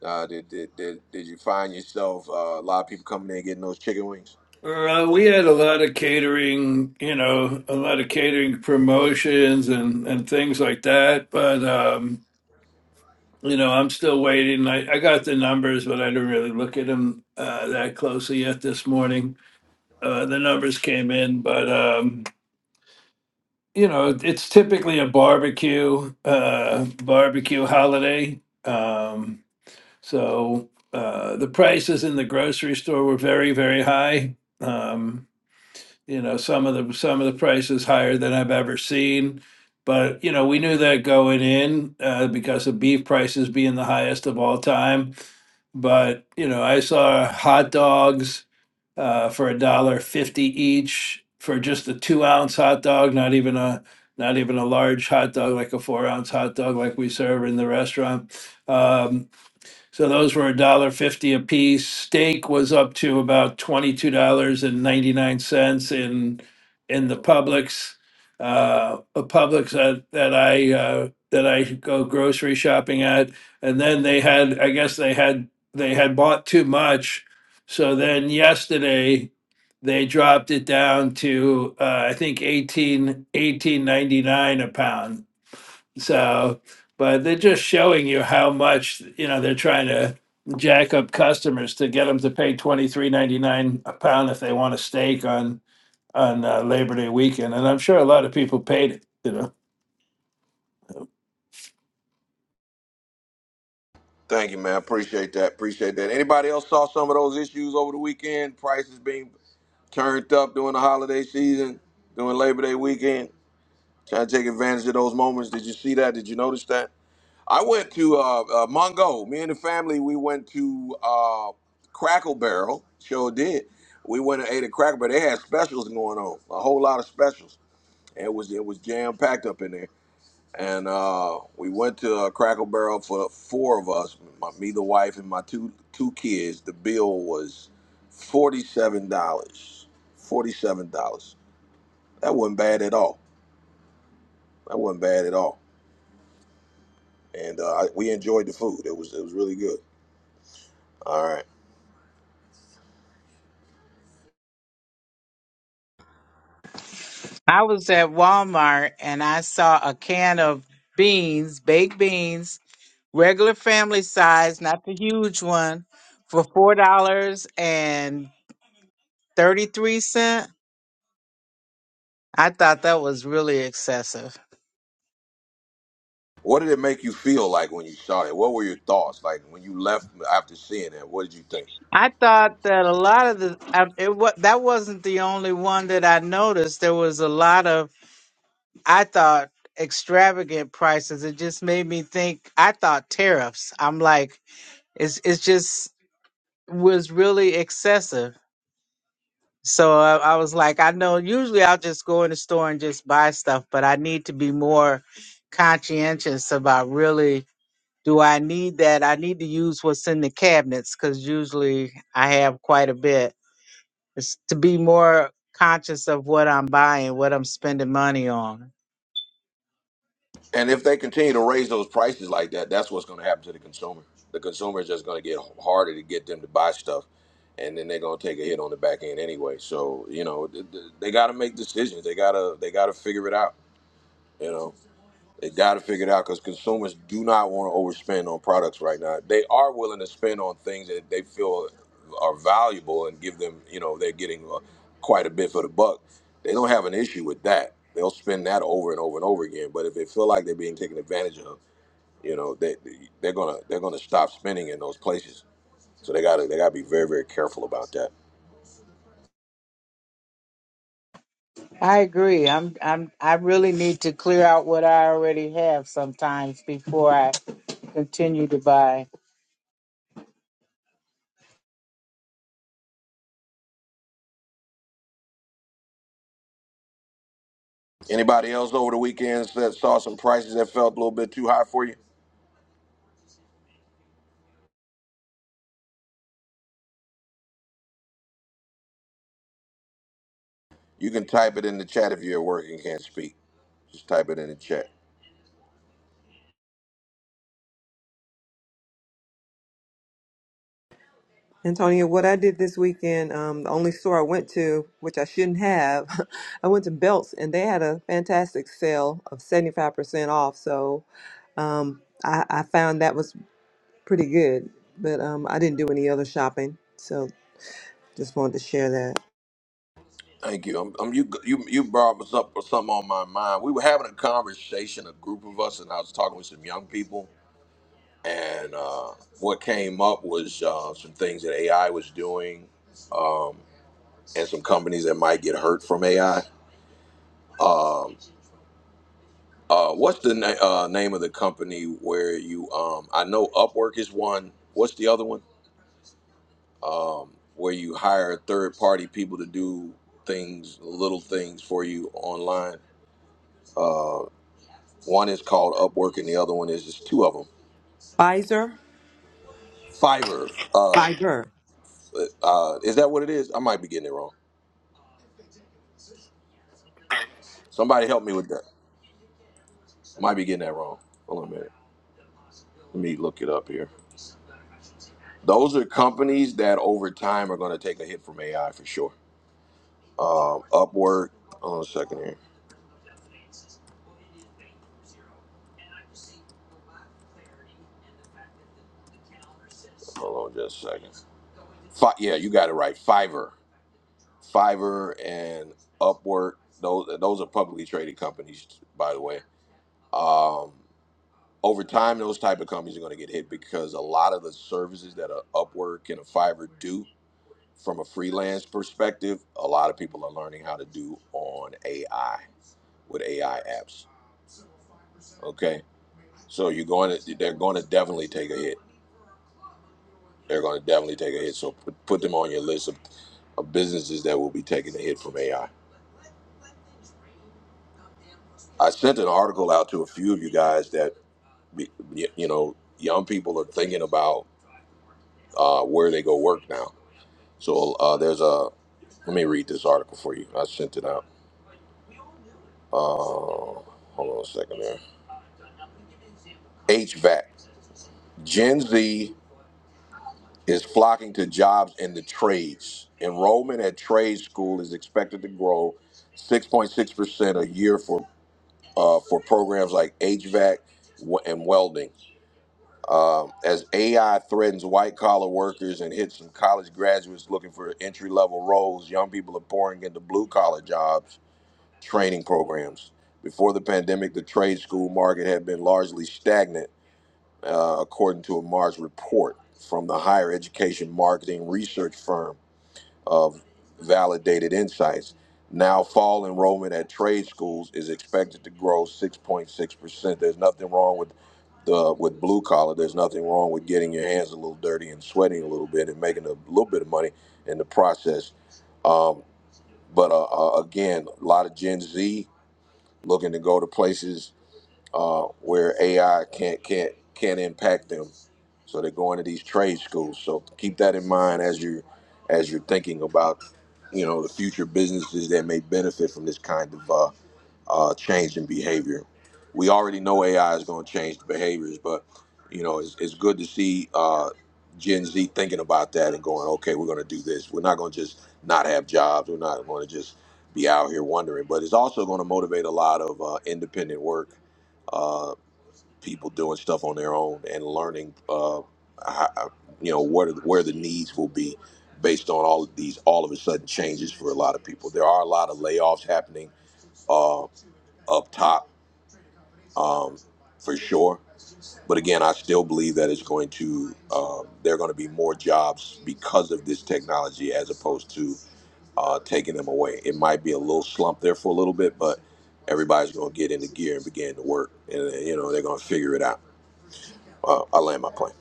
Uh, did, did did did you find yourself uh, a lot of people coming in getting those chicken wings? Uh, we had a lot of catering, you know, a lot of catering promotions and and things like that. But um, you know, I'm still waiting. I, I got the numbers, but I didn't really look at them uh, that closely yet this morning. Uh, the numbers came in, but. Um, you know, it's typically a barbecue, uh, barbecue holiday. Um, so uh, the prices in the grocery store were very, very high. Um, you know, some of the some of the prices higher than I've ever seen. But you know, we knew that going in uh, because of beef prices being the highest of all time but you know, I saw hot dogs uh, for a dollar fifty each for just a two ounce hot dog, not even a not even a large hot dog like a four ounce hot dog like we serve in the restaurant. Um, so those were a dollar fifty a piece. Steak was up to about twenty two dollars and ninety nine cents in in the Publix. Uh, a Publix that, that I uh, that I go grocery shopping at, and then they had I guess they had they had bought too much, so then yesterday they dropped it down to uh, I think eighteen eighteen ninety nine a pound. So, but they're just showing you how much, you know, they're trying to jack up customers to get them to pay twenty three ninety nine a pound if they want a steak on on uh, Labor Day weekend, and I'm sure a lot of people paid it. You know, Thank you, man. Appreciate that. Appreciate that. Anybody else saw some of those issues over the weekend? Prices being turned up during the holiday season, during Labor Day weekend. Trying to take advantage of those moments. Did you see that? Did you notice that? I went to uh, uh, Mongo. Me and the family, we went to uh, Crackle Barrel. Sure did. We went and ate at Crackle Barrel. They had specials going on, a whole lot of specials. And it was it was jam packed up in there and uh, we went to uh, Crackle Barrel for the four of us, my, me, the wife, and my two two kids. The bill was forty seven dollars. Forty seven dollars. That wasn't bad at all. That wasn't bad at all. And uh, I- we enjoyed the food. It was it was really good. All right. I was at Walmart and I saw a can of beans, baked beans, regular family size, not the huge one, for four dollars and thirty-three cent. I thought that was really excessive. What did it make you feel like when you saw it? What were your thoughts like when you left after seeing that? What did you think? I thought that a lot of the I, it, wa- that wasn't the only one that I noticed. There was a lot of I thought extravagant prices. It just made me think. I thought tariffs. I'm like, it's it's just was really excessive. So I, I was like, I know usually I'll just go in the store and just buy stuff, but I need to be more conscientious about really do I need that? I need to use what's in the cabinets because usually I have quite a bit. It's to be more conscious of what I'm buying, what I'm spending money on. And if they continue to raise those prices like that, that's what's going to happen to the consumer. The consumer is just going to get harder to get them to buy stuff, and then they're going to take a hit on the back end anyway. So you know, th- th- they got to make decisions. They gotta they gotta figure it out. You know. They got to figure it out because consumers do not want to overspend on products right now. They are willing to spend on things that they feel are valuable and give them, you know, they're getting uh, quite a bit for the buck. They don't have an issue with that. They'll spend that over and over and over again. But if they feel like they're being taken advantage of, you know, they, they're gonna they're gonna stop spending in those places. So they gotta they gotta be very very careful about that. I agree. I'm I'm I really need to clear out what I already have sometimes before I continue to buy. Anybody else over the weekend that saw some prices that felt a little bit too high for you? You can type it in the chat if you're at work and can't speak. Just type it in the chat. Antonio, what I did this weekend, um, the only store I went to, which I shouldn't have, I went to Belts and they had a fantastic sale of 75% off. So um, I, I found that was pretty good, but um, I didn't do any other shopping. So just wanted to share that. Thank you. I'm, I'm, you, you, you brought us up with something on my mind. We were having a conversation, a group of us, and I was talking with some young people. And uh, what came up was uh, some things that AI was doing um, and some companies that might get hurt from AI. Um, uh, what's the na- uh, name of the company where you, um, I know Upwork is one. What's the other one? um, where you hire third party people to do things, little things for you online. Uh, one is called Upwork, and the other one is just two of them. Pfizer? Fiverr. Uh, Fiber. uh, is that what it is? I might be getting it wrong. Somebody help me with that. Might be getting that wrong. Hold on a minute. Let me look it up here. Those are companies that over time are going to take a hit from AI for sure. Um, Upwork. Hold on a second here. Hold on just a second. Fi- yeah, you got it right. Fiverr. Fiverr and Upwork. Those those are publicly traded companies, by the way. Um, over time, those type of companies are going to get hit because a lot of the services that a Upwork and a Fiverr do from a freelance perspective, a lot of people are learning how to do on AI with AI apps. Okay, so you're going to they're going to definitely take a hit. They're going to definitely take a hit. So put, put them on your list of, of businesses that will be taking a hit from AI. I I sent an article out to a few of you guys that y- you know young people are thinking about uh, where they go work now. So uh, there's a, Let me read this article for you. I sent it out. Uh, hold on a second there. HVAC. Gen Z is flocking to jobs in the trades. Enrollment at trade school is expected to grow 6.6% a year for uh, for programs like HVAC w- and welding. Um, as AI threatens white collar workers and hits some college graduates looking for entry level roles, young people are pouring into blue collar jobs training programs. Before the pandemic, the trade school market had been largely stagnant, uh, according to a March report from the higher education marketing research firm of Validated Insights. Now, fall enrollment at trade schools is expected to grow 6.6%. There's nothing wrong with the with blue collar. There's nothing wrong with getting your hands a little dirty and sweating a little bit and making a little bit of money in the process. Um, but uh, uh, again, a lot of Gen Z looking to go to places uh, where AI can't can't can't impact them. So they're going to these trade schools. So keep that in mind as you as you're thinking about you know the future businesses that may benefit from this kind of uh, uh, change in behavior. We already know AI is going to change the behaviors, but you know it's, it's good to see uh, Gen Z thinking about that and going, okay, we're going to do this. We're not going to just not have jobs. We're not going to just be out here wondering. But it's also going to motivate a lot of uh, independent work, uh, people doing stuff on their own and learning, uh, how, uh, you know, where the, where the needs will be based on all of these all of a sudden changes for a lot of people. There are a lot of layoffs happening uh, up top um, for sure. But again, I still believe that it's going to um, there are going to be more jobs because of this technology as opposed to uh, taking them away. It might be a little slump there for a little bit, but everybody's going to get into gear and begin to work, and uh, you know they're going to figure it out. Uh, I land my plane.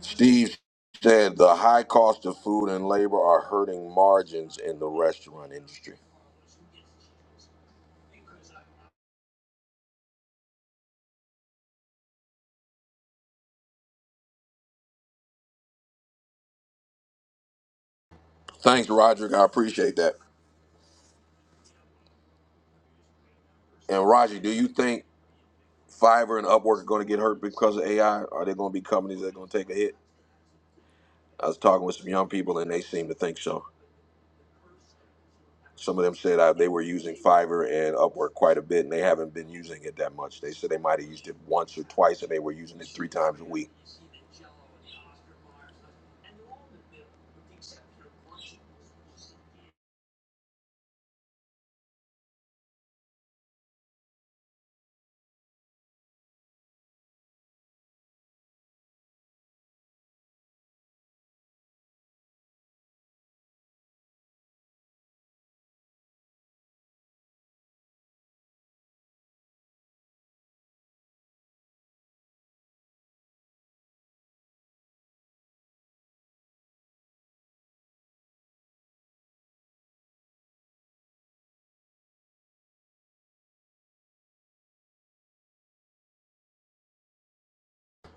Steve said the high cost of food and labor are hurting margins in the restaurant industry. Thanks, Roderick. I appreciate that. And Roger, do you think? Fiverr and Upwork are going to get hurt because of AI? Are there going to be companies that are going to take a hit? I was talking with some young people, and they seem to think so. Some of them said uh, they were using Fiverr and Upwork quite a bit, and they haven't been using it that much. They said they might have used it once or twice, and they were using it three times a week.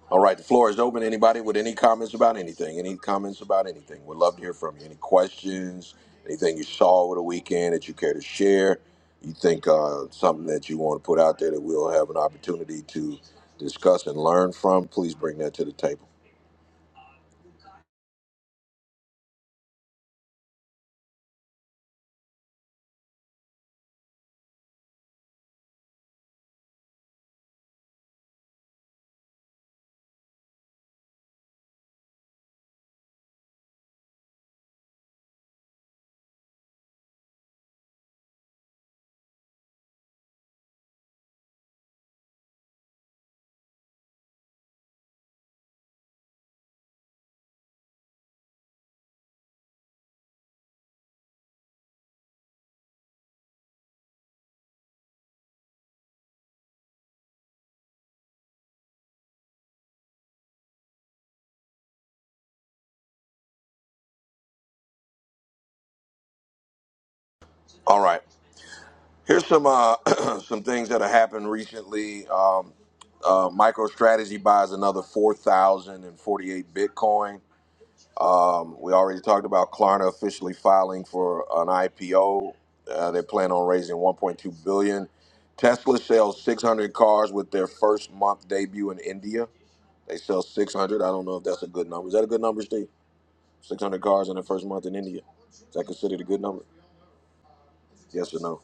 All right, the floor is open. Anybody with any comments about anything? Any comments about anything? We'd love to hear from you. Any questions? Anything you saw over the weekend that you care to share? You think uh, something that you want to put out there that we'll have an opportunity to discuss and learn from? Please bring that to the table. All right, here's some uh, some things that have happened recently. Um, uh, MicroStrategy buys another four thousand and forty-eight Bitcoin. Um, we already talked about Klarna officially filing for an IPO. Uh, they plan on raising 1.2 billion. Tesla sells 600 cars with their first month debut in India. They sell 600. I don't know if that's a good number. Is that a good number, Steve? 600 cars in the first month in India. Is that considered a good number? Yes or no?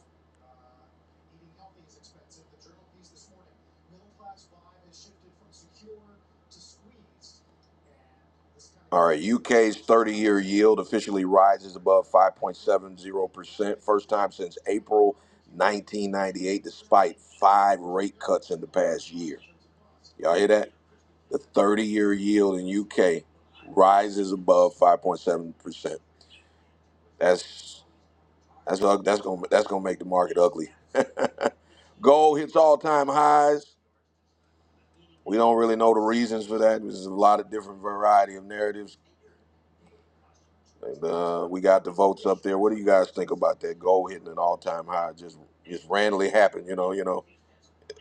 All right. UK's 30-year yield officially rises above 5.70 percent, first time since April 1998, despite five rate cuts in the past year. Y'all hear that? The 30 year yield in UK rises above 5.7%. That's that's ug- that's going to that's going to make the market ugly. Gold hits all-time highs. We don't really know the reasons for that. There's a lot of different variety of narratives. And, uh, we got the votes up there. What do you guys think about that gold hitting an all-time high? Just just randomly happened, you know, you know,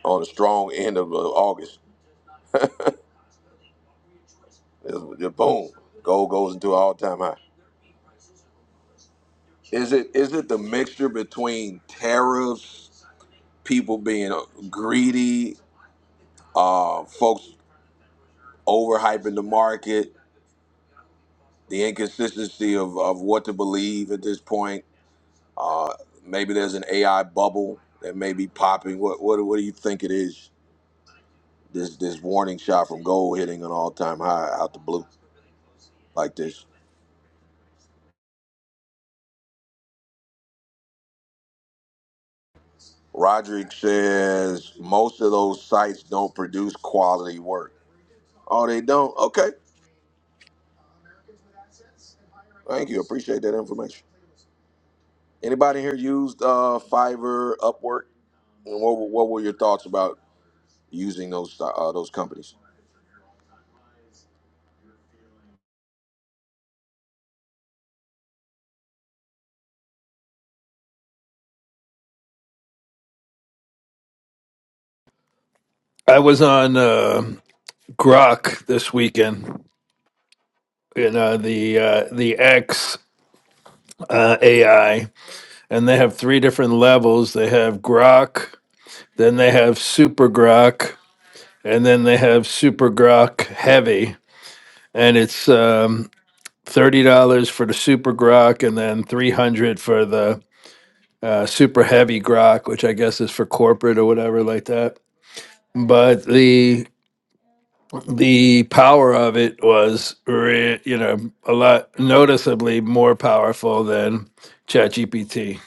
on the strong end of uh, August. It it- boom, gold goes into an all-time high. Is it is it the mixture between tariffs, people being uh, greedy, uh, folks overhyping the market, the inconsistency of, of what to believe at this point? Uh, maybe there's an AI bubble that may be popping. What what what do you think it is? This this warning shot from gold hitting an all time high out the blue like this. Roderick says most of those sites don't produce quality work. Oh, they don't. Okay, thank you. Appreciate that information. Anybody here used uh, Fiverr, Upwork? And What, were- what were your thoughts about using those uh, uh, those companies? I was on uh, Grok this weekend, you know the uh, the X uh, AI, and they have three different levels. They have Grok, then they have Super Grok, and then they have Super Grok Heavy, and it's um, thirty dollars for the super grok and then three hundred dollars for the uh, super heavy grok, which I guess is for corporate or whatever like that. But the the power of it was re- you know a lot noticeably more powerful than ChatGPT.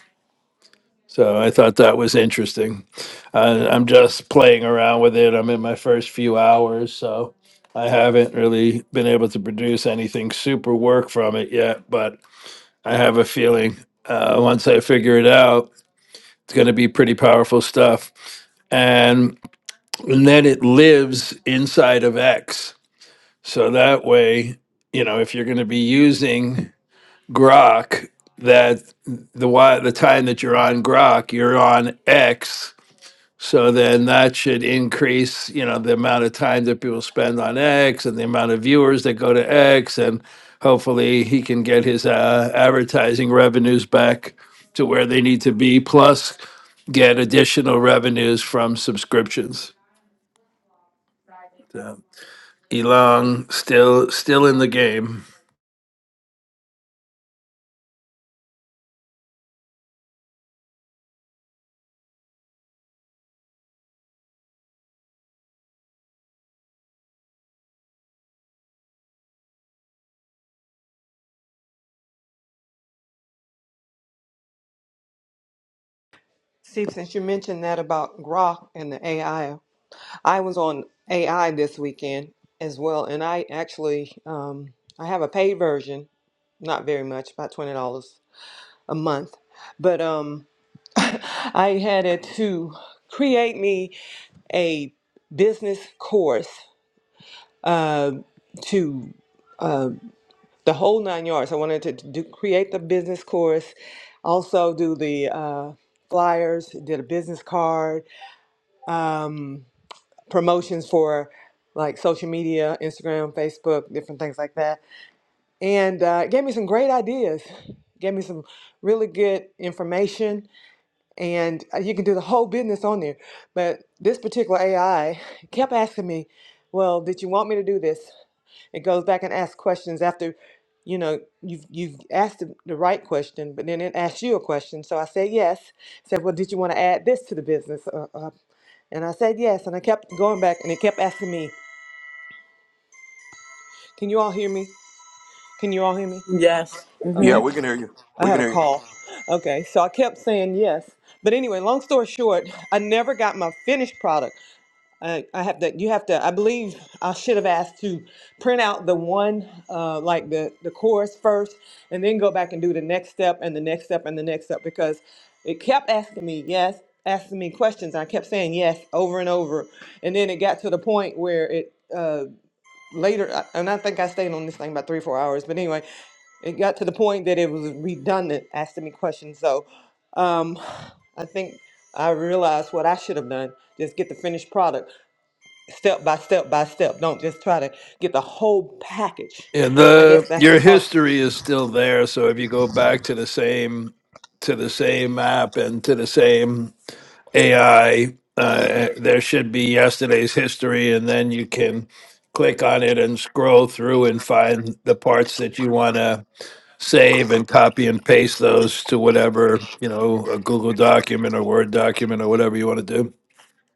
So I thought that was interesting. Uh, I'm just playing around with it. I'm in my first few hours, so I haven't really been able to produce anything super work from it yet, but I have a feeling uh, once I figure it out, it's going to be pretty powerful stuff. And, and then it lives inside of X. So that way, you know, if you're going to be using Grok, that the wi- the time that you're on Grok, you're on X so then that should increase, you know, the amount of time that people spend on X and the amount of viewers that go to X. And hopefully he can get his uh, advertising revenues back to where they need to be, plus get additional revenues from subscriptions. So Elon still still in the game. See, since you mentioned that about Grok and the AI, I I was on AI this weekend as well, and I actually um, I have a paid version, not very much, about twenty dollars a month, but um, I had it to create me a business course uh, to uh, the whole nine yards. I wanted to do, create the business course, also do the uh, flyers, did a business card. um, promotions for like social media, Instagram, Facebook, different things like that. And uh, it gave me some great ideas. Gave me some really good information, and uh, you can do the whole business on there. But this particular AI kept asking me, "Well, did you want me to do this? It goes back and asks questions after, you know, you've you've asked the, the right question, but then it asks you a question. So I said yes. It said, well, did you want to add this to the business? Uh, uh, and I said yes, and I kept going back, and it kept asking me, "Can you all hear me? Can you all hear me?" Yes. Yeah, Okay, we can hear you. I We had can a hear you. call. Okay, so I kept saying yes, but anyway, long story short, I never got my finished product. I, I have to, you have to, I believe I should have asked to print out the one, uh, like the, the chorus first, and then go back and do the next step and the next step and the next step because it kept asking me yes, asking me questions. I kept saying yes over and over. And then it got to the point where it, uh, later, I- and I think I stayed on this thing about three or four hours, but anyway, it got to the point that it was redundant asking me questions. So um, I think I realized what I should have done just get the finished product step by step by step. Don't just try to get the whole package. And I guess the that's your because history is still there. So if you go back to the same to the same app and to the same AI. Uh, there should be yesterday's history, and then you can click on it and scroll through and find the parts that you want to save and copy and paste those to whatever, you know, a Google document or Word document or whatever you want to do.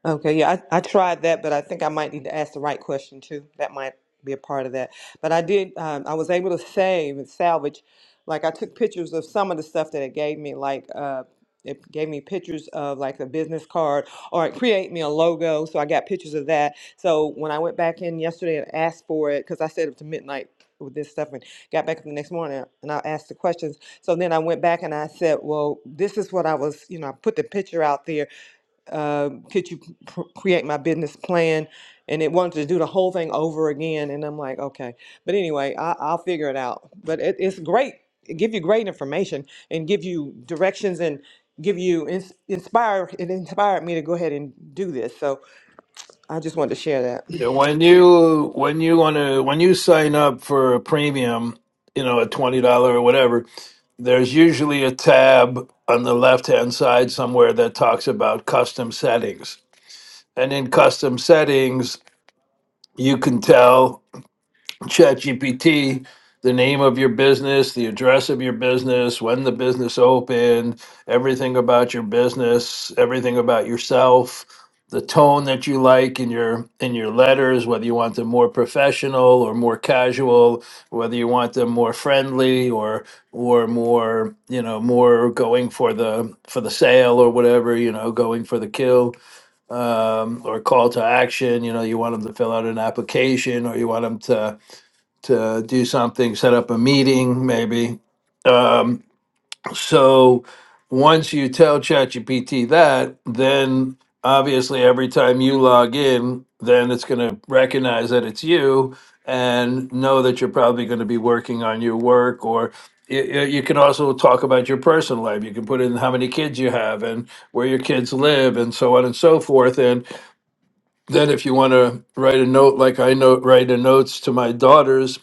Okay, yeah, I, I tried that, but I think I might need to ask the right question too. That might be a part of that. But I did, um, I was able to save and salvage. Like I took pictures of some of the stuff that it gave me, like uh, it gave me pictures of like a business card, or it created me a logo. So I got pictures of that. So when I went back in yesterday and asked for it, because I stayed up to midnight with this stuff and got back up the next morning and I asked the questions. So then I went back and I said, well, this is what I was, you know, I put the picture out there uh, could you pr- create my business plan? And it wanted to do the whole thing over again. And I'm like, okay. But anyway, I, I'll figure it out. But it, it's great. It give you great information and give you directions and give you ins- inspire. It inspired me to go ahead and do this. So I just wanted to share that. Yeah, When you when you want to when you sign up for a premium, you know, a twenty dollar or whatever, there's usually a tab on the left hand side somewhere that talks about custom settings. And in custom settings, you can tell ChatGPT the name of your business, the address of your business, when the business opened, everything about your business, everything about yourself, the tone that you like in your in your letters, whether you want them more professional or more casual, whether you want them more friendly or or more, you know, more going for the for the sale or whatever, you know, going for the kill um, or call to action. You know, you want them to fill out an application or you want them to to do something, set up a meeting, maybe. Um, so once you tell ChatGPT that, then obviously every time you log in, then it's going to recognize that it's you and know that you're probably going to be working on your work or y- y- you can also talk about your personal life. You can put in how many kids you have and where your kids live and so on and so forth. And then if you want to write a note, like I note, write a notes to my daughters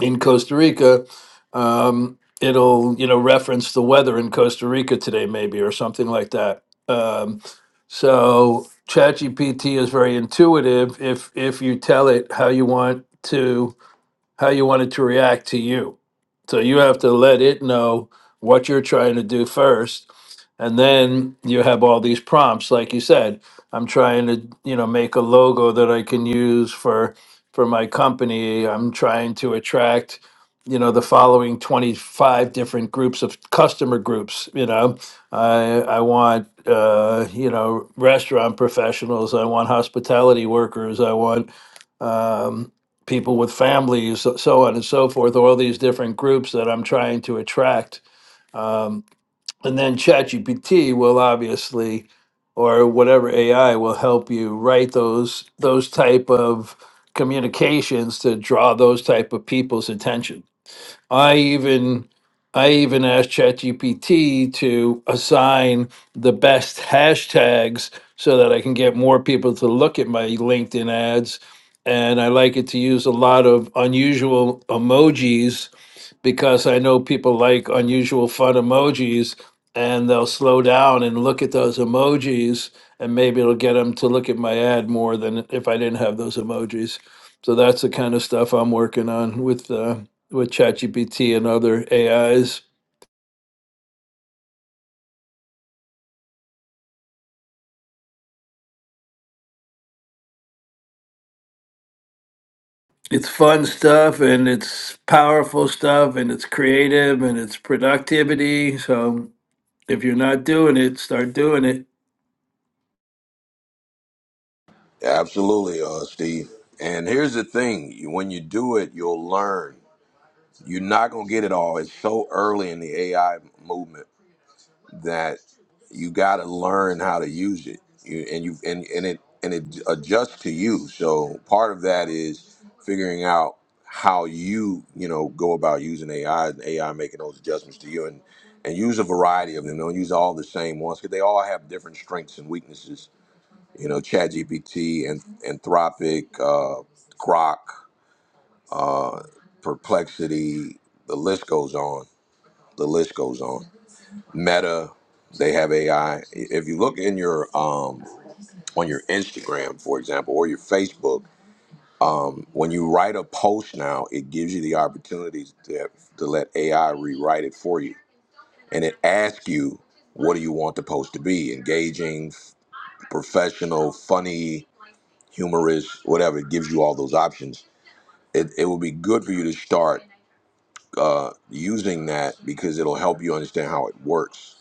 in Costa Rica, um, it'll you know reference the weather in Costa Rica today, maybe or something like that. Um, so ChatGPT is very intuitive if if you tell it how you want to how you want it to react to you. So you have to let it know what you're trying to do first. And then you have all these prompts, like you said. I'm trying to, you know, make a logo that I can use for for my company. I'm trying to attract, you know, the following 25 different groups of customer groups. You know, I I want, uh, you know, restaurant professionals. I want hospitality workers. I want um, people with families, so so on and so forth, all these different groups that I'm trying to attract. Um, and then ChatGPT will obviously, or whatever AI will help you write those those type of communications to draw those type of people's attention. I even I even asked ChatGPT to assign the best hashtags so that I can get more people to look at my LinkedIn ads. And I like it to use a lot of unusual emojis because I know people like unusual fun emojis and they'll slow down and look at those emojis and maybe it'll get them to look at my ad more than if I didn't have those emojis. So that's the kind of stuff I'm working on with uh, with ChatGPT and other AIs. It's fun stuff and it's powerful stuff and it's creative and it's productivity. So if you're not doing it, start doing it. Absolutely, uh, Steve. And here's the thing: you- when you do it, you'll learn. You're not gonna get it all. It's so early in the AI movement. that you got to learn how to use it you, and you and, and it and it adjusts to you so part of that is figuring out how you you know go about using ai and ai making those adjustments to you and and use a variety of them don't use all the same ones because they all have different strengths and weaknesses you know ChatGPT and anthropic uh grok uh perplexity the list goes on the list goes on Meta, they have AI. If you look in your um, on your Instagram, for example, or your Facebook, um, when you write a post now, it gives you the opportunity to, to let AI rewrite it for you, and it asks you what do you want the post to be, engaging, professional, funny, humorous, whatever. It gives you all those options. It it will be good for you to start uh, using that because it'll help you understand how it works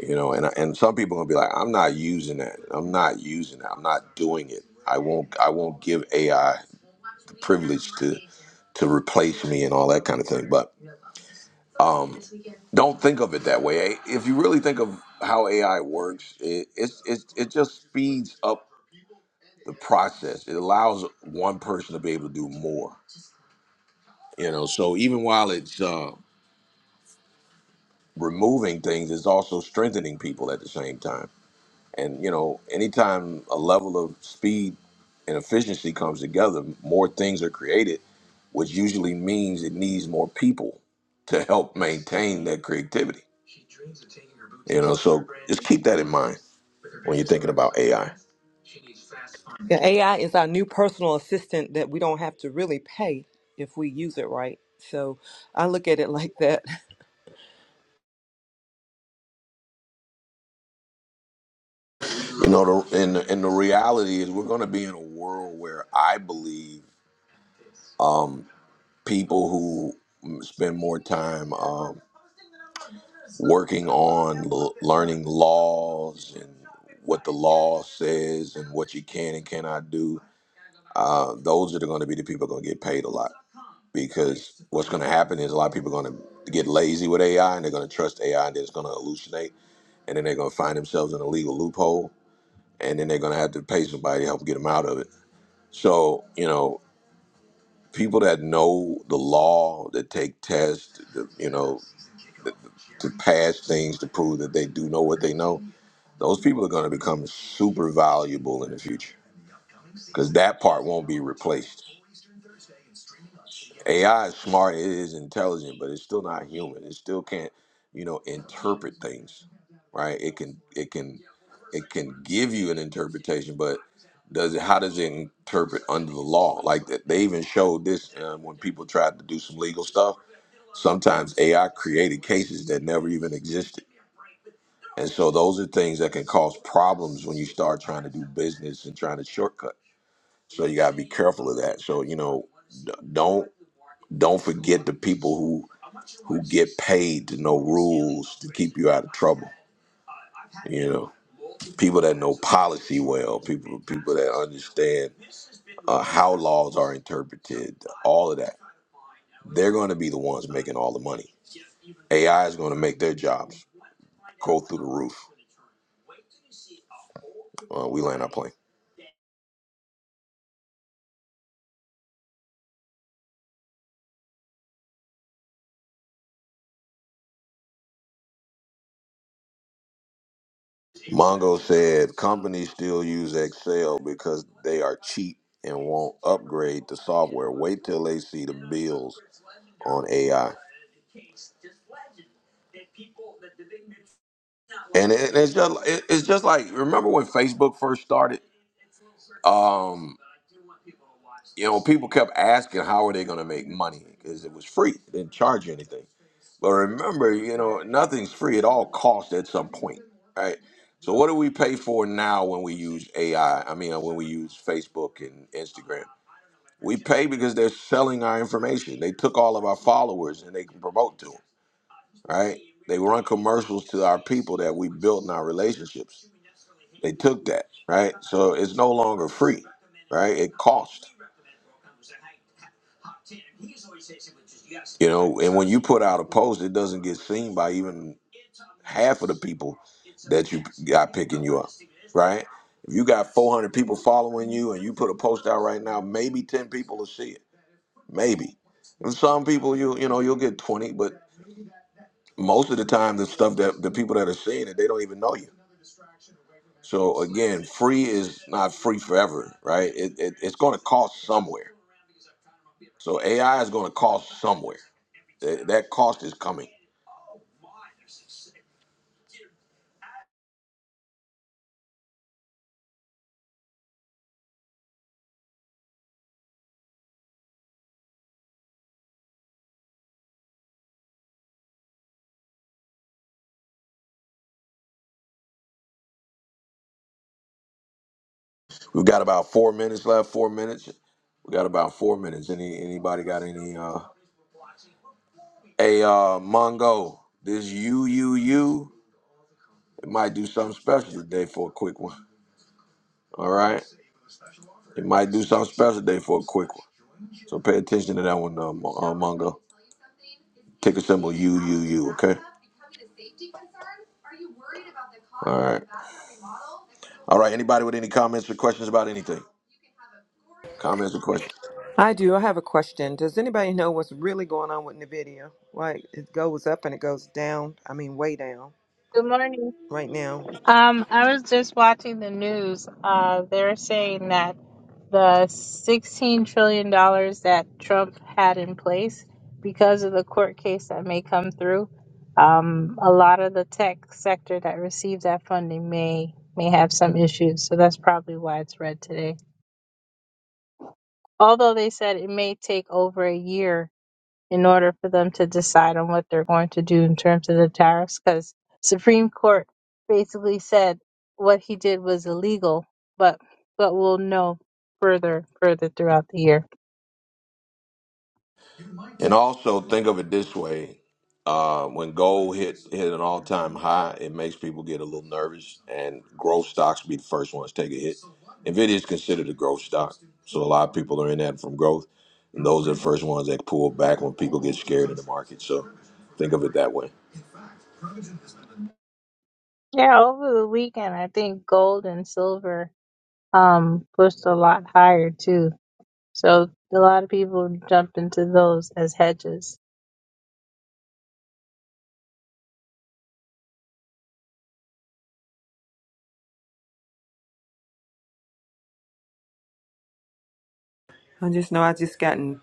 you know and and some people are gonna be like i'm not using that i'm not using that. i'm not doing it i won't i won't give ai the privilege to to replace me and all that kind of thing but um don't think of it that way if you really think of how ai works it it's it, it just speeds up the process it allows one person to be able to do more you know so even while it's uh removing things it's also strengthening people at the same time And you know, anytime a level of speed and efficiency comes together, more things are created, which usually means it needs more people to help maintain that creativity. You know, so just keep that in mind when you're thinking about AI. Yeah, AI is our new personal assistant that we don't have to really pay if we use it right. So I look at it like that. You know, the, and and the reality is we're going to be in a world where I believe um, people who spend more time. um, working on l- learning laws and what the law says and what you can and cannot do. Uh, those are going to be the people going to get paid a lot because what's going to happen is a lot of people are going to get lazy with AI and they're going to trust AI and it's going to hallucinate and then they're going to find themselves in a legal loophole and then they're going to have to pay somebody to help get them out of it. So you know, people that know the law, that take tests, that, you know, to pass things to prove that they do know what they know Those people are going to become super valuable in the future because that part won't be replaced. AI is smart, it is intelligent, but it's still not human. It still can't, you know, interpret things, right? It can, it can, it can give you an interpretation, but does it? How does it interpret under the law? Like that, they even showed this um, when people tried to do some legal stuff. Sometimes AI created cases that never even existed And so those are things that can cause problems when you start trying to do business and trying to shortcut. So you got to be careful of that. So you know, d- don't don't forget the people who who get paid to know rules to keep you out of trouble. You know, people that know policy well, people people that understand uh, how laws are interpreted, all of that. They're going to be the ones making all the money. AI is going to make their jobs go through the roof. Uh, we land our plane. Mongo said companies still use Excel because they are cheap and won't upgrade the software. Wait till they see the bills on AI. And it, and it's just it, it's just like remember when Facebook first started. Um, you know, people kept asking how are they going to make money because it was free. They didn't charge you anything. But remember, you know, nothing's free. It all costs at some point, right? So what do we pay for now when we use AI? I I mean, uh, when we use Facebook and Instagram, we pay because they're selling our information. They took all of our followers and they can promote to them, right? They run commercials to our people that we built in our relationships. They took that, right? So it's no longer free, right? It costs. You know, and when you put out a post, it doesn't get seen by even half of the people that you got picking you up, right? If you got 400 people following you and you put a post out right now, maybe 10 people will see it. Maybe. And some people you you know you'll get 20, but most of the time the stuff that the people that are seeing it they don't even know you. So again, free is not free forever, right? It, it, it's going to cost somewhere. So AI is going to cost somewhere. That, that cost is coming. We've got about four minutes left. Four minutes. We got about four minutes. Any anybody got any? Uh, Hey, uh, Mongo, this you, you, you, it might do something special today for a quick one. All right? It might do something special today for a quick one. So pay attention to that one, uh, Mo- uh, Mongo. Ticker symbol U, U, U, okay? All right. All right, anybody with any comments or questions about anything? Comments or questions? I do. I have a question. Does anybody know what's really going on with Nvidia? Like it goes up and it goes down. I mean, way down Good morning. right now. Um, I was just watching the news. Uh, they're saying that the $16 trillion dollars that Trump had in place because of the court case that may come through, um, a lot of the tech sector that receives that funding may may have some issues. So that's probably why it's red today. Although they said it may take over a year in order for them to decide on what they're going to do in terms of the tariffs because supreme court basically said what he did was illegal but but we'll know further further throughout the year And also think of it this way: uh, when gold hit hit an all time high, it makes people get a little nervous, and growth stocks be the first ones to take a hit. Nvidia is considered a growth stock, so a lot of people are in that from growth, and those are the first ones that pull back when people get scared in the market. So think of it that way. yeah over the weekend i think gold and silver um pushed a lot higher too so a lot of people jumped into those as hedges I just know I just gotten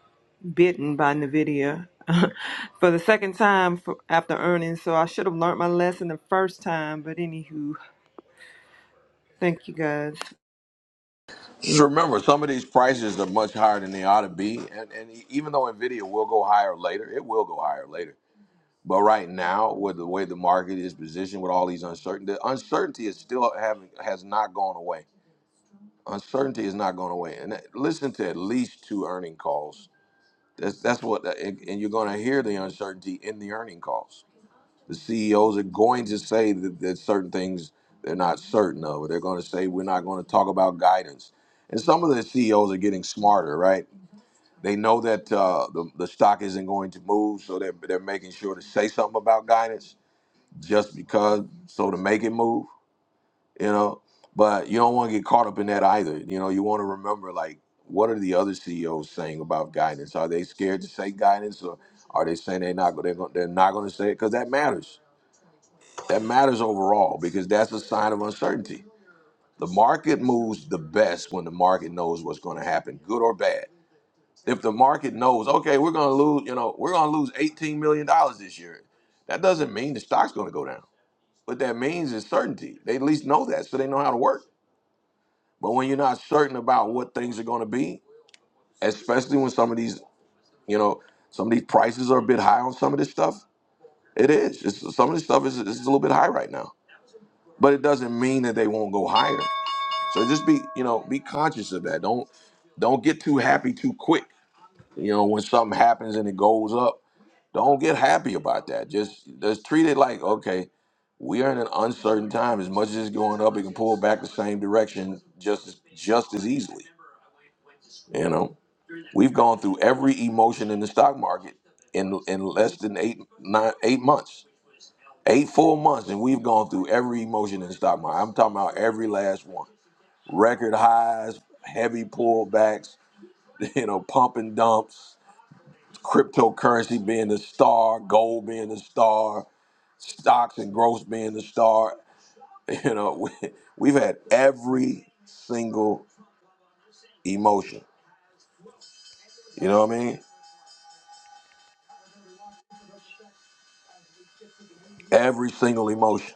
bitten by Nvidia for the second time for, after earnings. So I should have learned my lesson the first time. But anywho, thank you guys. Just remember, some of these prices are much higher than they ought to be, and, and even though Nvidia will go higher later, it will go higher later. But right now, with the way the market is positioned, with all these uncertainty, the uncertainty is still having has not gone away. Uncertainty is not going away. And that- listen to at least two earning calls. That's that's what, uh, and and you're going to hear the uncertainty in the earning calls. The CEOs are going to say that, that certain things they're not certain of. Or they're going to say we're not going to talk about guidance. And some of the CEOs are getting smarter, right? They know that uh, the, the stock isn't going to move, so they're, they're making sure to say something about guidance just because so to make it move, you know. But you don't want to get caught up in that either. You know, you want to remember like what are the other CEOs saying about guidance? Are they scared to say guidance, or are they saying they're not they're, gon- they're not going to say it? Because that matters. That matters overall because that's a sign of uncertainty. The market moves the best when the market knows what's going to happen, good or bad. If the market knows, okay, we're going to lose, you know, we're going to lose eighteen million dollars this year, that doesn't mean the stock's going to go down what that means is certainty. They at least know that, so they know how to work. But when you're not certain about what things are going to be, especially when some of these, you know, some of these prices are a bit high on some of this stuff, it is. It's, some of this stuff is, is a little bit high right now. But it doesn't mean that they won't go higher. So just be, you know, be conscious of that. Don't don't get too happy too quick. You know, when something happens and it goes up, Don't get happy about that. Just just treat it like okay, we are in an uncertain time. As much as it's going up, it can pull back the same direction just as just as easily. You know, we've gone through every emotion in the stock market in in less than eight nine eight months, eight full months, and we've gone through every emotion in the stock market. I'm talking about every last one. Record highs, heavy pullbacks, you know, pump and dumps, cryptocurrency being the star, gold being the star. stocks and growth being the star. You know, we, we've had every single emotion. You know what I mean? Every single emotion.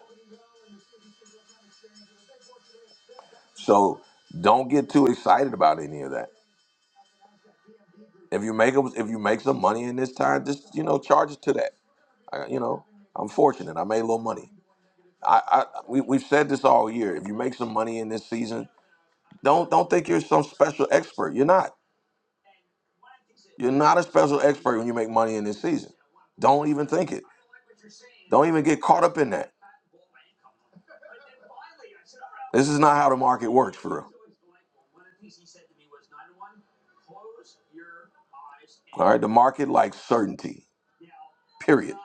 So don't get too excited about any of that. If you make a- if you make some money in this time, just you know charge it to that. I, you know, I'm fortunate. I made a little money. I, I we, we've said this all year. If you make some money in this season, don't don't think you're some special expert. You're not. You're not a special expert when you make money in this season. Don't even think it. Don't even get caught up in that. This is not how the market works for real. All right, the market likes certainty, period.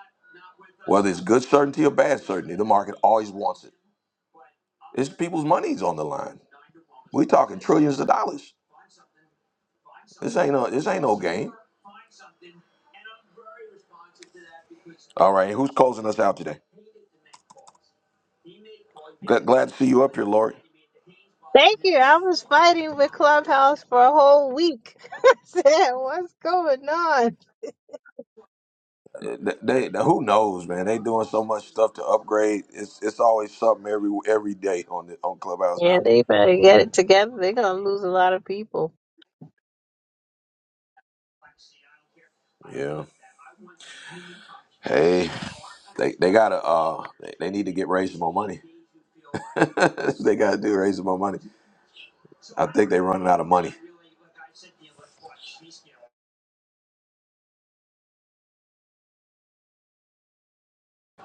Whether it's good certainty or bad certainty, the market always wants it. It's people's money's on the line. We talking trillions of dollars. This ain't no this ain't no game. All right, who's closing us out today? Glad, glad to see you up here, Lord. thank you i was fighting with clubhouse for a whole week I said what's going on Uh, They, they- who knows, man? They doing so much stuff to upgrade. It's it's always something every every day on the, on Clubhouse Yeah, now. they better get it together. They're gonna lose a lot of people. Yeah. Hey, they, they gotta uh they, they need to get raising more money. they gotta do raising more money. I think they're running out of money.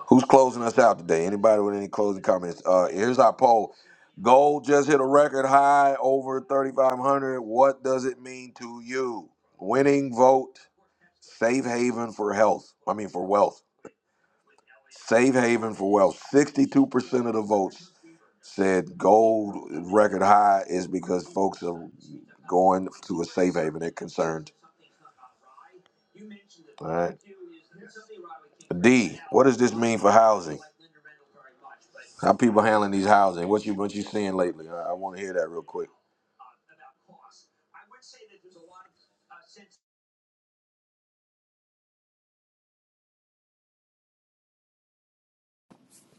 Who's closing us out today? Anybody with any closing comments? Uh here's our poll. Gold just hit a record high over 3500. What does it mean to you? Winning vote, safe haven for health. I mean for wealth. Safe haven for wealth. 62% of the votes said gold record high is because folks are going to a safe haven. They're concerned. All right. D, what does this mean for housing? How people handling these housing? What you what you seeing lately? I, I want to hear that real quick.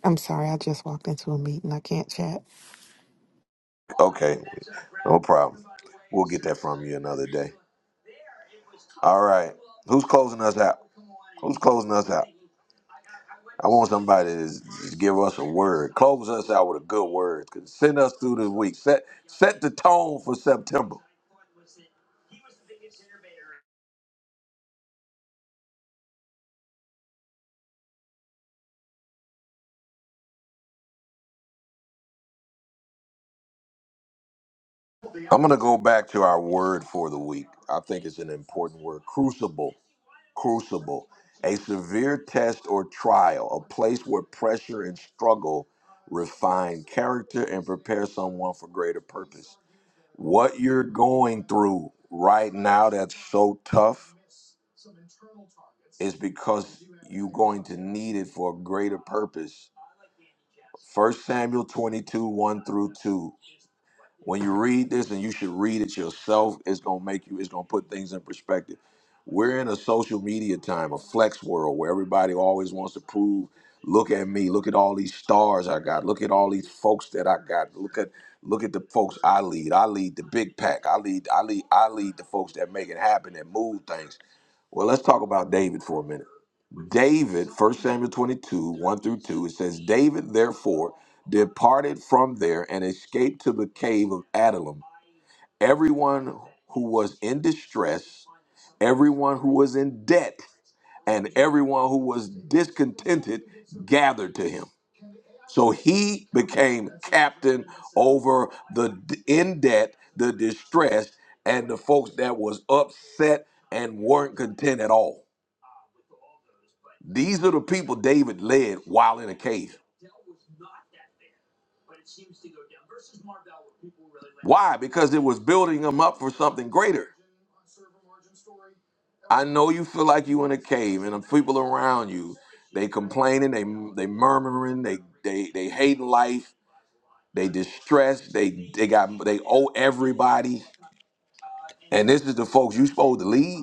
I'm sorry, I just walked into a meeting. I can't chat. Okay, no problem. We'll get that from you another day. All right. Who's closing us out? Who's closing us out? I want somebody to s- s- give us a word. Close us out with a good word. Send us through this week. Set set the tone for September. I'm going to go back to our word for the week. I think it's an important word crucible. Crucible. A severe test or trial, a place where pressure and struggle refine character and prepare someone for greater purpose. What you're going through right now that's so tough is because you're going to need it for a greater purpose. First Samuel 22 1 through 2 when you read this and you should read it yourself it's going to make you it's going to put things in perspective we're in a social media time a flex world where everybody always wants to prove look at me look at all these stars i got look at all these folks that i got look at look at the folks i lead i lead the big pack i lead i lead i lead the folks that make it happen that move things well let's talk about david for a minute David, First Samuel 22, 1 through 2, it says, David therefore departed from there and escaped to the cave of Adullam. Everyone who was in distress, everyone who was in debt, and everyone who was discontented gathered to him. So he became captain over the d- in debt, the distressed, and the folks that was upset and weren't content at all. These are the people David led while in a cave. Why? Because it was building them up for something greater. I know you feel like you in a cave and the people around you, they complaining, they they murmuring, they they they hating life, they distressed, they they got they owe everybody. And this is the folks you supposed to lead.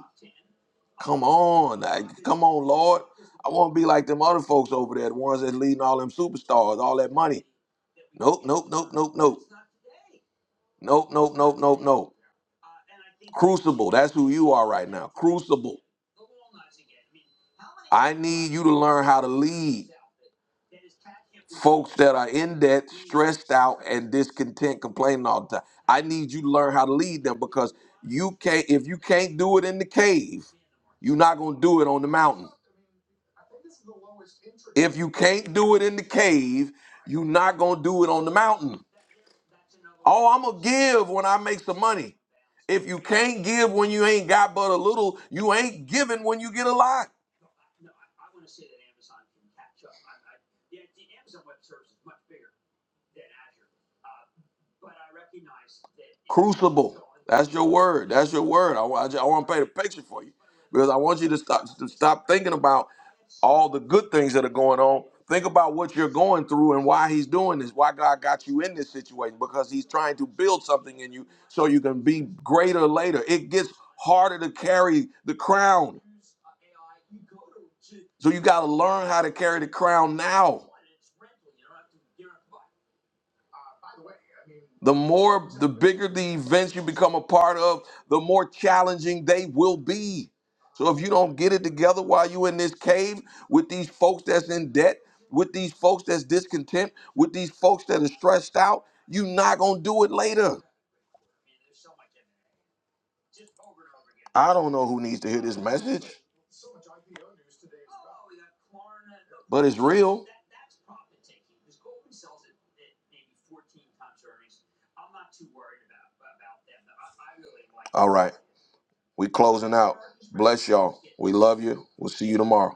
Come on, like, come on, Lord. I want to be like them other folks over there, the ones that's leading all them superstars, all that money. Nope, nope, nope, nope, nope. Nope, nope, nope, nope, nope. Crucible, that's who you are right now. Crucible. I need you to learn how to lead folks that are in debt, stressed out, and discontent, complaining all the time. I need you to learn how to lead them because you can't if you can't do it in the cave, you're not gonna do it on the mountain. If you can't do it in the cave, you're not gonna do it on the mountain. Oh, I'm gonna give when I make some money. If you can't give when you ain't got but a little, you ain't giving when you get a lot. Crucible. That's your word. That's your word. I, want to paint a picture for you because I want you to stop to stop thinking about all the good things that are going on. Think about what you're going through and why he's doing this, why God got you in this situation, because he's trying to build something in you so you can be greater later. It gets harder to carry the crown. So you got to learn how to carry the crown now. The more, the bigger the events you become a part of, the more challenging they will be. So if you don't get it together while you're in this cave with these folks that's in debt, with these folks that's discontent, with these folks that are stressed out, you're not going to do it later. I don't know who needs to hear this message, but it's real. All right. We closing out. Bless y'all. We love you. We'll see you tomorrow.